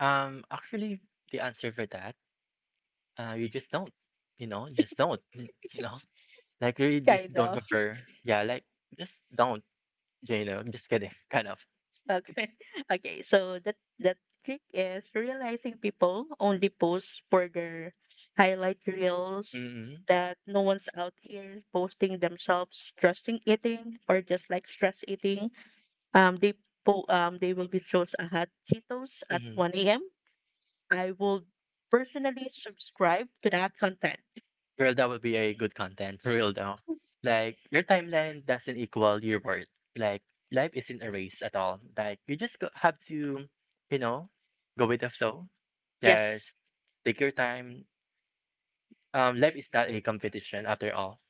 A: Um, actually, the answer for that, uh, you just don't. You know, just don't. [laughs] You know, like really just don't
B: Kinda.
A: prefer. Yeah, like just don't. You know, just kidding, [laughs] kind of.
B: Okay. [laughs] Okay. So that that trick is realizing people only post for their highlight reels, that no one's out here posting themselves stressing eating or just like stress eating. Um they po- um they will be shows a hot Cheetos at
A: Mm-hmm.
B: one a m. I will personally subscribe to that content.
A: Girl, that would be a good content, for real though. Like your timeline doesn't equal your worth. Like life isn't a race at all. Like you just go, have to, you know, go with the flow.
B: Yes,
A: Just take your time. Um, life is not a competition after all.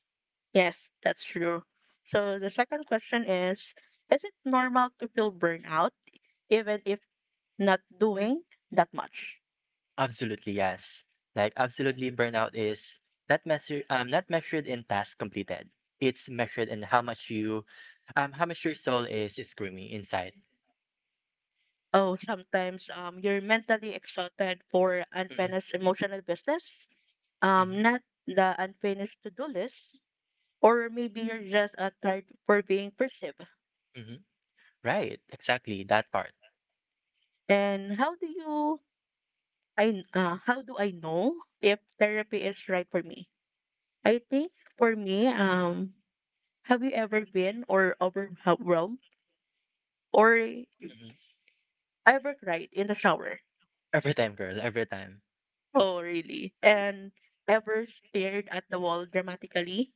B: yes, that's true. So the second question is is it normal to feel burnout even if not doing that much.
A: Absolutely yes. Like absolutely, burnout is not measure um not measured in tasks completed. It's measured in how much you, um, how much your soul is screaming inside.
B: Oh, sometimes um, you're mentally exhausted for
A: Mm-hmm.
B: unfinished emotional business, um, not
A: Mm-hmm.
B: the unfinished to do list, or maybe you're just uh, tired for being perceived.
A: Mhm. Right, exactly, that part.
B: And how do you I uh, how do I know if therapy is right for me? I think for me, um, have you ever been or overwhelmed or
A: Mhm.
B: ever cried in the shower?
A: Every time, girl, every time.
B: Oh, really? And ever stared at the wall dramatically?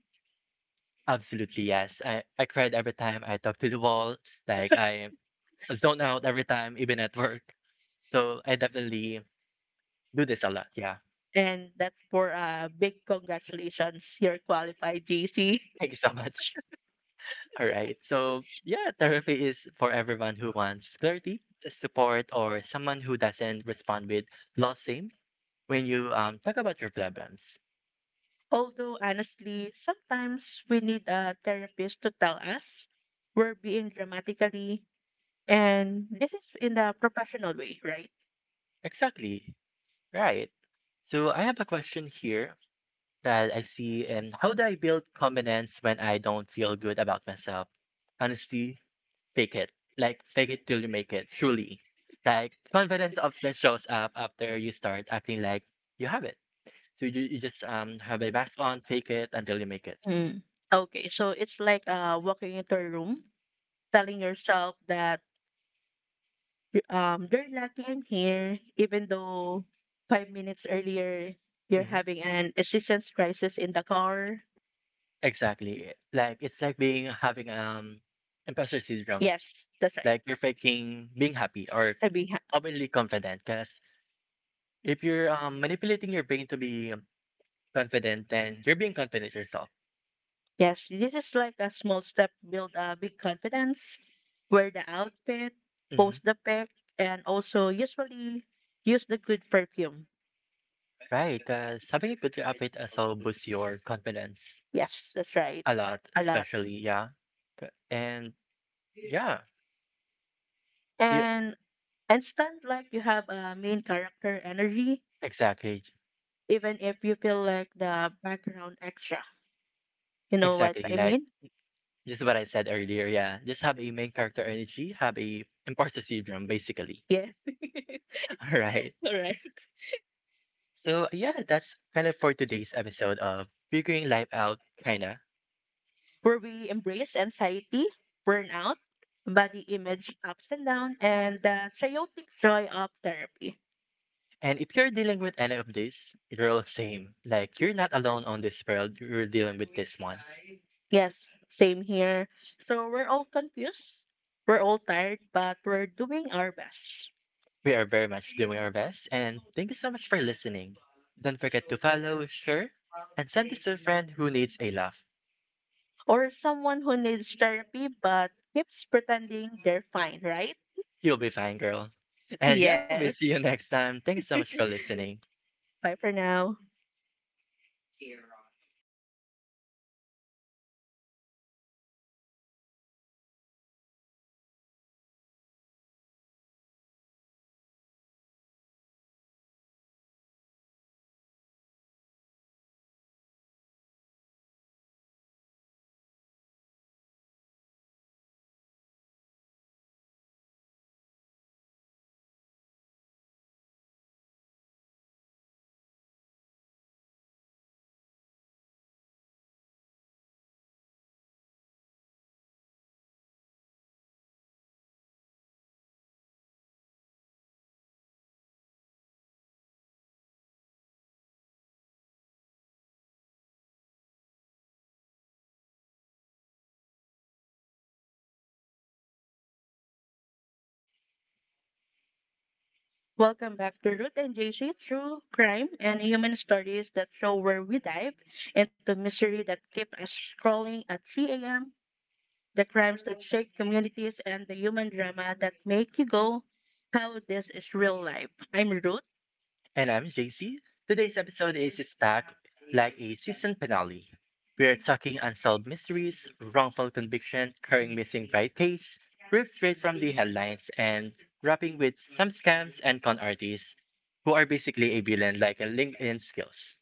A: Absolutely, yes. I, I cried every time I talk to the wall. Like, I zone out every time, even at work. So, I definitely do this a lot. Yeah.
B: And that's for a big congratulations, you're qualified, J C.
A: Thank you so much. [laughs] All right. So, yeah, therapy is for everyone who wants clarity, support, or someone who doesn't respond with lost losing when you um, talk about your problems.
B: [laughs] Although, honestly, sometimes we need a therapist to tell us we're being dramatically, and this is in a professional way, right?
A: Exactly. Right. So, I have a question here. That I see. And how do I build confidence when I don't feel good about myself? Honestly, fake it. Like, fake it till you make it, truly. Like, confidence often shows up after you start acting like you have it. So you, you just um have a mask on, fake it until you make it.
B: Mm. Okay, so it's like uh, walking into a room, telling yourself that um, they're lucky I'm here, even though five minutes earlier you're
A: Hmm.
B: having an existence crisis in the car.
A: Exactly. Like, it's like being having um imposter syndrome.
B: Yes, that's right.
A: Like, you're faking being happy or
B: I mean, ha-
A: openly confident because if you're um, manipulating your brain to be confident, then you're being confident yourself.
B: yes, this is like a small step build a big confidence. Wear the outfit,
A: Mhm.
B: post the pic, and also usually use the good perfume.
A: Right, because having a good outfit also boosts your confidence
B: Yes, that's right.
A: a lot,
B: A lot.
A: especially, yeah. K- And yeah, yeah,
B: And and stand like you have a main character energy,
A: exactly,
B: even if you feel like the background extra. You know what
A: exactly.
B: I
A: Like
B: mean?
A: this is what I said earlier. Yeah, just have a main character energy, have a imposter syndrome, basically.
B: Yeah. [laughs]
A: [laughs] All right.
B: Correct.
A: So yeah, that's kind of for today's episode of figuring life out, kinda.
B: Where we embrace anxiety, burnout, body image ups and down, and the chaotic joy of therapy.
A: And if you're dealing with any of this, you're all same. Like you're not alone on this world. You're dealing with this one.
B: Yes, same here. So we're all confused, we're all tired, but we're doing our best.
A: We are very much doing our best. And thank you so much for listening. Don't forget to follow, share, and send this to a friend who needs a laugh.
B: Or someone who needs therapy but keeps pretending they're fine, right?
A: You'll be fine, girl. And yeah, we'll
B: Yes.
A: see you next time. Thanks so much for listening.
B: Bye for now. Welcome back to Ruth and J C True Crime and Human Stories, that show where we dive into mystery that keep us scrolling at three a m, the crimes that shake communities, and the human drama that make you go, how this is real life. I'm Ruth,
A: And I'm J C. Today's episode is stacked like a season finale. We are talking unsolved mysteries, wrongful conviction, current missing right case, proof straight from the headlines, and wrapping with some scams and con artists who are basically a villain like a LinkedIn skills.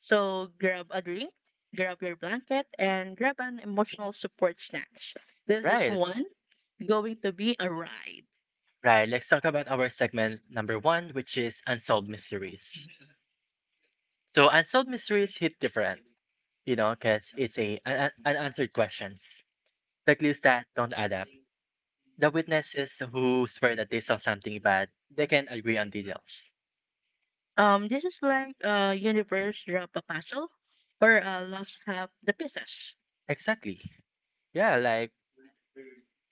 B: so grab a drink, grab your blanket, and grab an emotional support snacks. This is
A: Right,
B: one going to be a ride.
A: right. Let's talk about our segment number one, which is unsolved mysteries. So unsolved mysteries hit different, you know, because it's a an, an unanswered questions, the clues that don't add up. The witnesses who swear that they saw something bad, they can agree on details.
B: Um, this is like a universe drop a puzzle or a lost half the pieces.
A: Exactly. Yeah, like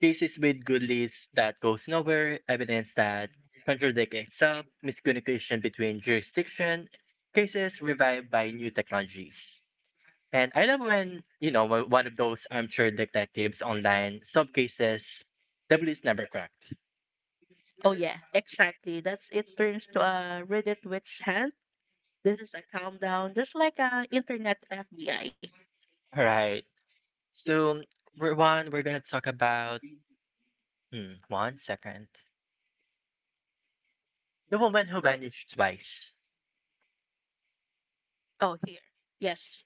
A: cases with good leads that goes nowhere, evidence that contradicts itself, miscommunication between jurisdiction, cases revived by new technologies. And I love when, you know, when one of those armchair detectives online solve cases the police never cracked.
B: Oh yeah, exactly. That's it turns to a Reddit witch hunt. This is a countdown, just like a internet F B I.
A: Right. So, we're one, we're gonna talk about, hmm, one second. The woman who vanished twice.
B: Oh here. Yes.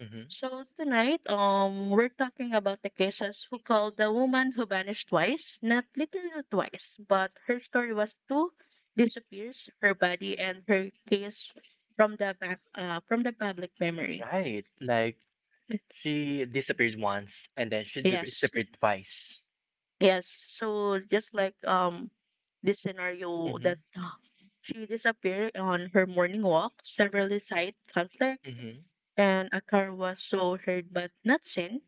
A: Hmm.
B: So tonight, um, we're talking about the cases who called the woman who vanished twice, not literally twice, but her story was two disappears, her body and her case from the back, uh, from the public memory.
A: Right. Like she disappeared once and then she di-
B: Yes.
A: disappeared twice.
B: Yes. So just like um this scenario
A: Mm-hmm.
B: that uh, she disappeared on her morning walk, several side conflict,
A: Mm-hmm.
B: and a car was so heard but not seen.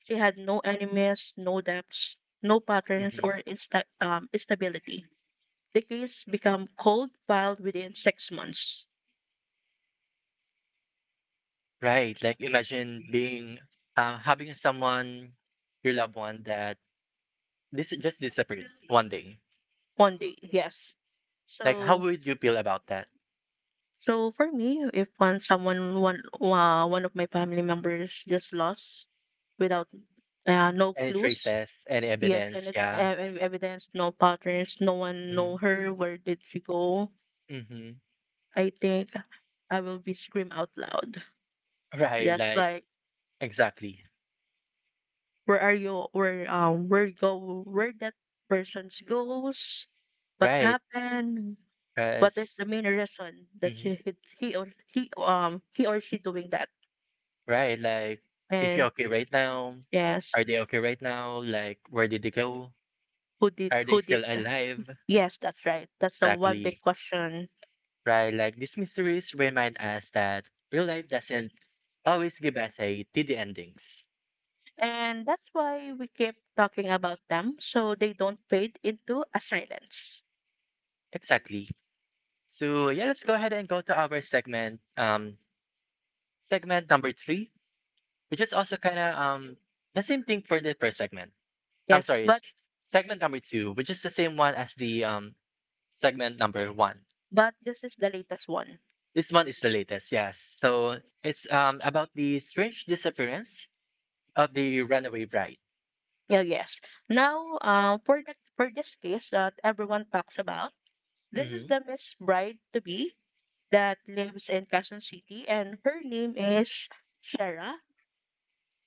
B: She had no enemies, no debts, no patterns
A: Mm-hmm.
B: or insta- um, stability. The case become cold filed within six months.
A: Right. Like imagine being uh, having someone, your loved one that this just disappeared one day.
B: One day, yes.
A: Like how
B: So
A: would you feel about that?
B: so for me, if one someone one uh, one of my family members just lost without uh, no
A: Any
B: clues.
A: traces, any
B: Yes, and
A: evidence?
B: it,
A: Yeah.
B: uh, and evidence, no patterns, no one
A: Mm-hmm.
B: know her. Where did she go?
A: Mhm.
B: I think I will be scream out loud.
A: Right,
B: Just
A: like
B: like
A: exactly.
B: where are you? Where um where go? Where that person goes? What
A: Right.
B: happened? What is
A: Because,
B: the main reason that she
A: mm-hmm,
B: he, he or he um he or she doing that?
A: right, like if you're
B: And
A: okay right now,
B: yes,
A: are they okay right now? Like where did they go?
B: who did
A: Are they
B: who did?
A: still alive?
B: Yes, that's right. That's the one big
A: Exactly.
B: question.
A: Right, like these mysteries remind us that real life doesn't always give us a tidy endings.
B: And that's why we keep talking about them so they don't fade into a silence.
A: Exactly. So yeah, let's go ahead and go to our segment, um, segment number three, which is also kind of um the same thing for the first segment. I'm
B: Yes,
A: sorry,
B: but
A: segment number two, which is the same one as the um segment number one.
B: but this is the latest one.
A: This one is the latest, yes. So it's um about the strange disappearance of the runaway bride.
B: Yeah, yes. Now, uh, for the for this case that everyone talks about, this is
A: Hmm.
B: the Miss Bride to be that lives in Quezon City, and her name is Shara,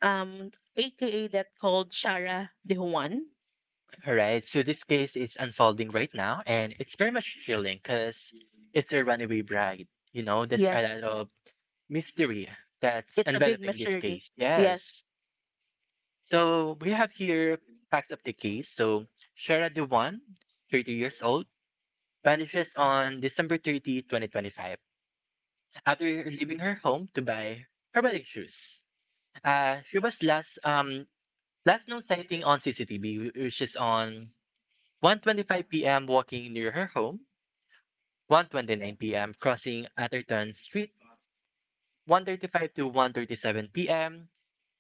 B: um, aka that called Sarah De Juan.
A: All right. So this case is unfolding right now, and it's very much chilling because it's a runaway bride. You know, there's a
B: Yes,
A: lot of mystery that's
B: it's a big
A: enveloping this
B: mystery.
A: case.
B: Yes,
A: Yes. So we have here facts of the case. So Shara Dewan, thirty years old, vanishes on December thirtieth, twenty twenty-five, after leaving her home to buy her wedding shoes. Uh, she was last um last known sighting on C C T V, wh- which is on one twenty five p m walking near her home, one twenty nine p m crossing Atherton Street, one thirty five to one thirty seven p m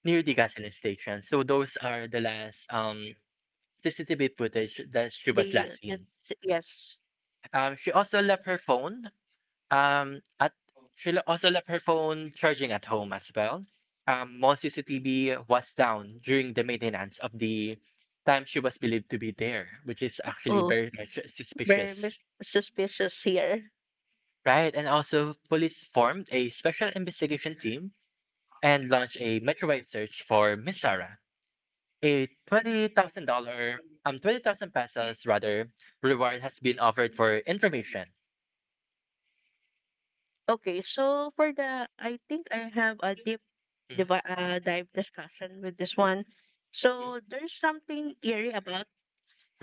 A: near the gasoline station. So those are the last um C C T V footage that she was
B: they
A: last seen.
B: that's, yes.
A: Um, she also left her phone Um, at She'll also left her phone charging at home as well. Um, Mom's C C T V was down during the maintenance of the time she was believed to be there, which is actually
B: Oh,
A: very sus-
B: very
A: suspicious,
B: mis- suspicious here.
A: right? And also, police formed a special investigation team and launched a microwave search for Miss Sarah. A twenty thousand dollar, um, twenty thousand pesos rather, reward has been offered for information.
B: Okay, so for the, I think I have a deep
A: Mm,
B: divi- uh, dive discussion with this one.
A: mm.
B: So there's something eerie about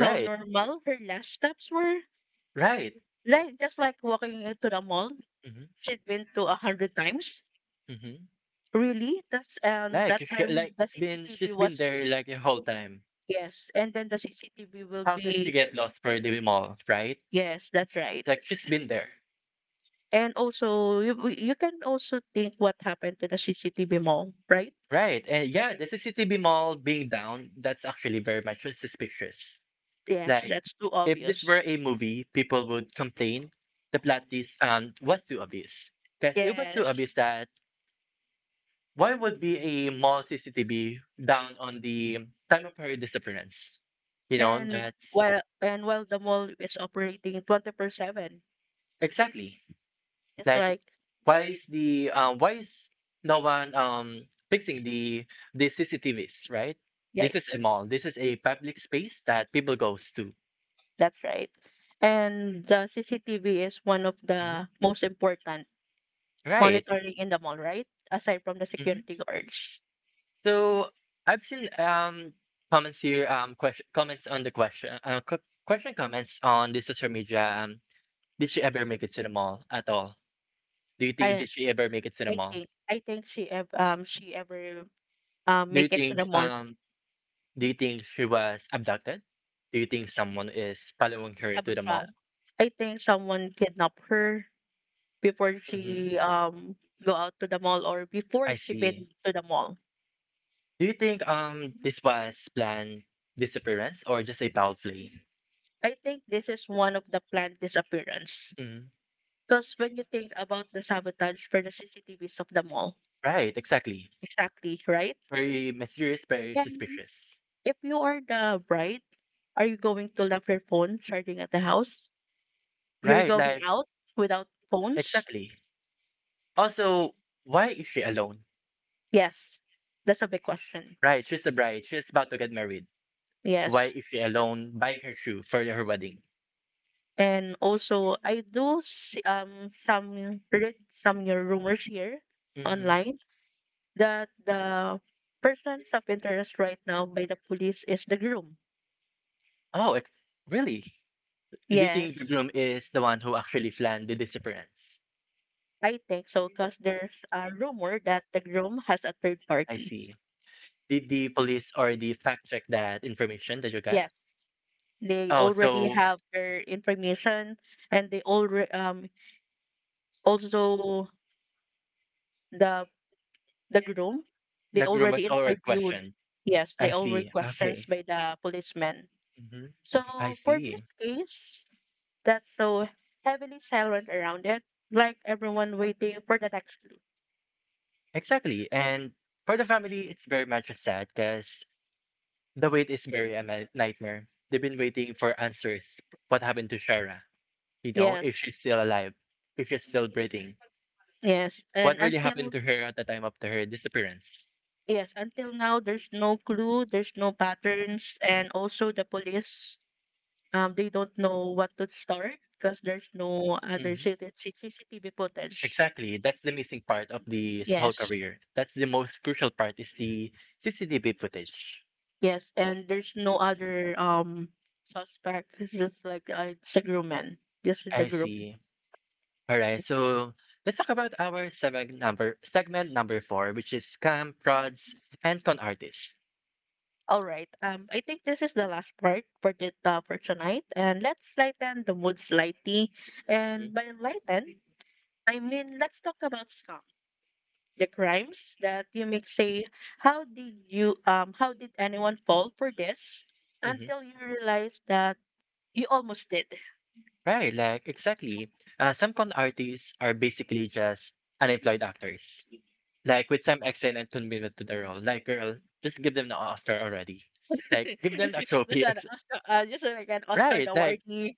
B: how normal her last steps were.
A: right.
B: Like just like walking into the mall,
A: Hmm.
B: she'd been to a hundred times.
A: Hmm.
B: Really, that's um
A: Like
B: that
A: if she,
B: time
A: like
B: the
A: it's been
B: C C T V
A: she's been
B: was,
A: there like the whole time.
B: yes, and then the C C T V will
A: How could she
B: be,
A: get lost for the mall, right?
B: yes, that's right.
A: Like she's been there,
B: And also, you we- you can also think what happened to the C C T V mall, right?
A: right? And yeah, the C C T V mall being down, that's actually very much suspicious.
B: Yes,
A: Like
B: that's too
A: if this
B: obvious.
A: were a movie, people would complain the plot is um was too obvious. Because it was too
B: Yes,
A: obvious that why would be a mall C C T V down on the time of her disappearance? You know,
B: and
A: that's
B: while and while the mall is operating twenty-four seven,
A: exactly.
B: it's
A: Like,
B: like,
A: why is the um why is no one um fixing the the C C T V's, right?
B: yeah,
A: This is a mall. This is a public space that people goes to.
B: that's right. And the C C T V is one of the
A: Mhm.
B: most important
A: Right.
B: monitoring in the mall, right? Aside from the
A: Hmm.
B: security guards.
A: So I've seen um comments here um question comments on the question uh, q- question comments on the social media. Um, did she ever make it to the mall at all? Do you think
B: I
A: did she ever make it to the mall?
B: think I think she ev- um she ever um
A: Do you
B: make it to
A: think
B: the mall.
A: um do you think she was abducted? Do you think someone is following her to the
B: Sabotage.
A: mall?
B: I think someone kidnapped her before
A: Mhm.
B: she um go out to the mall or before
A: I
B: she been
A: see.
B: to the mall.
A: Do you think um this was planned disappearance or just a foul play?
B: I think this is one of the planned disappearance.
A: Mm.
B: Because when you think about the sabotage for the C C T Vs of the mall,
A: Right, exactly.
B: exactly, right?
A: Very mysterious, very
B: Then
A: suspicious.
B: if you are the bride, are you going to leave your phone charging at the house? You're
A: Right,
B: going
A: like
B: out without phones?
A: exactly. Also, why is she alone?
B: Yes. That's a big question.
A: Right, she's a bride. She's about to get married. Why
B: Yes.
A: is she alone buying her shoe for her wedding?
B: And also, I do see, um some read some new rumors here
A: Hmm.
B: online that the persons of interest right now by the police is the groom.
A: Oh, ex- really? Do you think the
B: Yes,
A: groom is the one who actually planned the disappearance?
B: I think so because there's a rumor that the groom has a third
A: I
B: party.
A: see. Did the police or the fact check that information that you got?
B: Yes, they
A: Oh,
B: already
A: so
B: have their information and they already um also the the groom they
A: the groom
B: already
A: was already
B: interviewed.
A: questioned.
B: Yes,
A: I
B: they already
A: see.
B: questions
A: Okay.
B: by the policeman.
A: Hmm. I
B: So for this
A: see.
B: case, that's so heavily silent around it, like everyone waiting for the next clue.
A: Exactly. And for the family, it's very much sad because the wait is very a ni- nightmare. They've been waiting for answers. What happened to Shara? You know, if
B: Yes,
A: she's still alive, if she's still breathing.
B: yes. And
A: What really happened
B: until,
A: to her at the time of the, her disappearance?
B: yes, until now there's no clue, there's no patterns, and also the police um they don't know what to start because there's no other
A: Mhm.
B: C C T V C C T V footage. That is
A: Exactly. That's the
B: the
A: missing
B: missing part
A: part
B: of
A: of
B: the-
A: this whole
B: yes,
A: career. That's the most crucial part is the C C T V footage.
B: yes, and there's no other um suspect. It's just like, uh, it's a groomman, just in the
A: I
B: group.
A: see. All right. So let's talk about our segment number segment number four, which is scam, frauds, and con artists.
B: All right. Um, I think this is the last part for the uh, for tonight, and let's lighten the mood slightly.
A: Mhm,
B: And by lighten, I mean let's talk about scam, the crimes that you make. Say. How did you um? How did anyone fall for this?
A: mhm.
B: Until you realize that you almost did.
A: Right. Like exactly. Uh, some con artists are basically just unemployed actors, like with some excellent commitment to the role. Like, girl, just give them the Oscar already. Like, give them a
B: [laughs] Just
A: trophy.
B: an
A: ex-
B: Oscar, uh, just like an Oscar
A: Right. Like
B: awardee.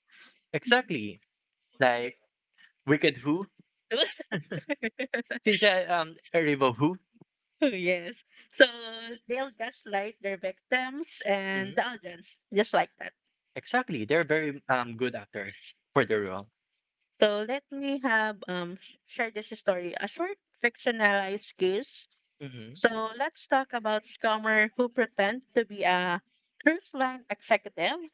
A: exactly. Like Wicked Who,
B: [laughs]
A: Sincha um River Who.
B: [laughs] Yes. So they'll gaslight their victims and
A: Mhm.
B: the audience, just like that.
A: Exactly, they're very um good actors for the role.
B: So let me have um sh- share this story, a short fictionalized case.
A: Hmm.
B: So let's talk about scammer who pretend to be a cruise line executive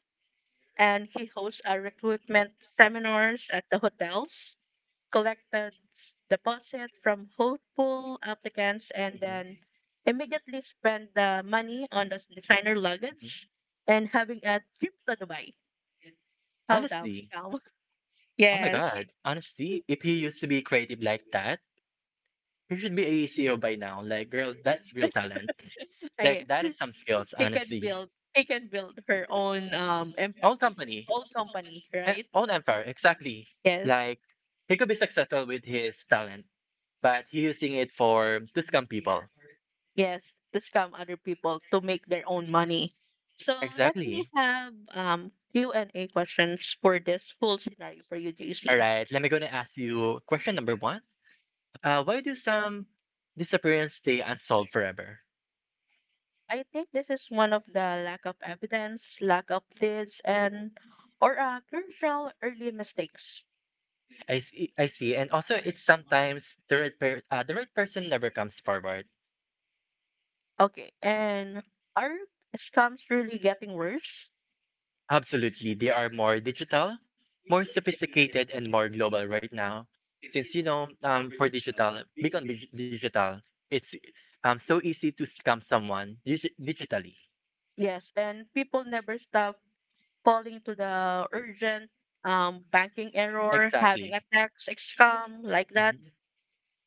B: and he hosts a recruitment seminars at the hotels, collected s- deposit from hopeful applicants and
A: Hmm.
B: then immediately spend the money on the s- designer
A: Mhm.
B: luggage and having a trip to Dubai. How the
A: Honestly,
B: scam? [laughs]
A: oh my
B: Yes,
A: god, honestly, if he used to be creative like that, he should be a C E O by now. Like, girl, that's real talent.
B: I
A: Like that is some skills,
B: she can
A: honestly.
B: build she can build her own um em-
A: Own company,
B: own company,
A: eh,
B: right?
A: own empire, exactly.
B: Yes,
A: Like he could be successful with his talent, but he using it for to scam people.
B: yes, to scam other people to make their own money. So let me
A: Exactly.
B: have um Q and A questions for this whole scenario for you, J C.
A: All right, let me gonna ask you question number one. Uh, why do some disappearance stay unsolved forever?
B: I think this is one of the lack of evidence, lack of leads, and or uh, crucial early mistakes.
A: I see, I see, and also it's sometimes the right per- uh, the right person never comes forward.
B: Okay, and are scams really getting worse?
A: Absolutely. They are more digital, more sophisticated, and more global right now. Since, you know, um, for digital, big on dig- digital, it's um, so easy to scam someone digi- digitally.
B: Yes, and people never stop falling to the urgent, um, banking error,
A: Exactly.
B: having a tax scam like that?
A: Mhm.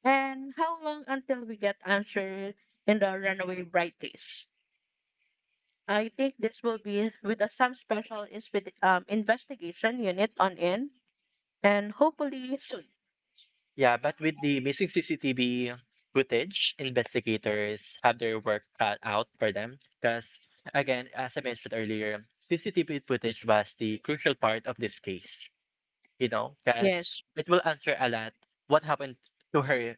B: And how long until we get answer in the runaway brightest? I think this will be with a, some special inspe- um, investigation unit on in, and hopefully soon.
A: Yeah, but with the missing C C T V footage, investigators have their work cut out for them. Because, again, as I mentioned earlier, C C T V footage was the crucial part of this case. You know, because
B: Yes,
A: it will answer a lot what happened to her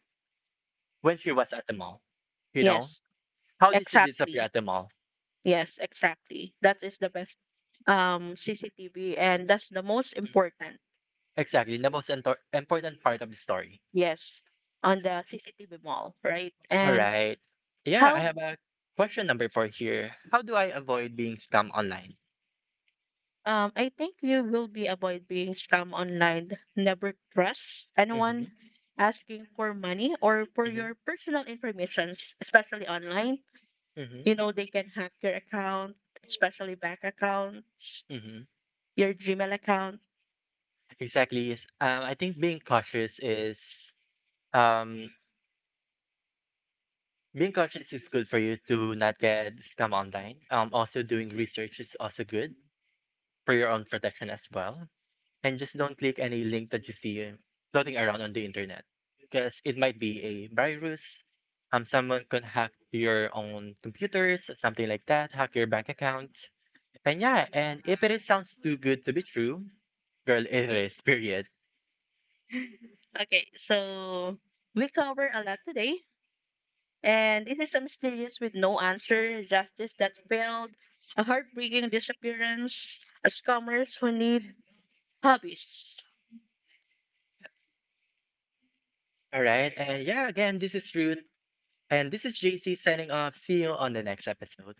A: when she was at the mall. You know,
B: yes,
A: how did she
B: exact.
A: disappear at the mall?
B: Yes, exactly. That is the best um C C T V, and that's the most important.
A: Exactly, the most impor- important part of the story.
B: Yes, on the C C T V mall, right?
A: All
B: And
A: right. Yeah, I
B: how,
A: have a question number four here. How do I avoid being scammed online?
B: Um, I think you will be avoid being scammed online. Never trust anyone
A: Hmm.
B: asking for money or for
A: Hmm.
B: your personal information, especially online. You
A: Hmm.
B: know, they can hack your account, especially bank accounts,
A: Hmm.
B: your Gmail account.
A: Exactly. Yes. Um, I think being cautious is um being cautious is good for you to not get scam online. Um, also doing research is also good for your own protection as well. And just don't click any link that you see uh, floating around on the internet, because it might be a virus. Um, someone could hack your own computers, something like that. Hack your bank account. And yeah, and if it is- sounds too good to be true, girl, it is. [laughs] Period.
B: Okay, so we cover a lot today. And this is a mysterious with no answer, justice that failed, a heartbreaking disappearance, a scammers who need hobbies.
A: All right. And yeah, again, this is Ruth, and this is J C signing off. See you on the next episode.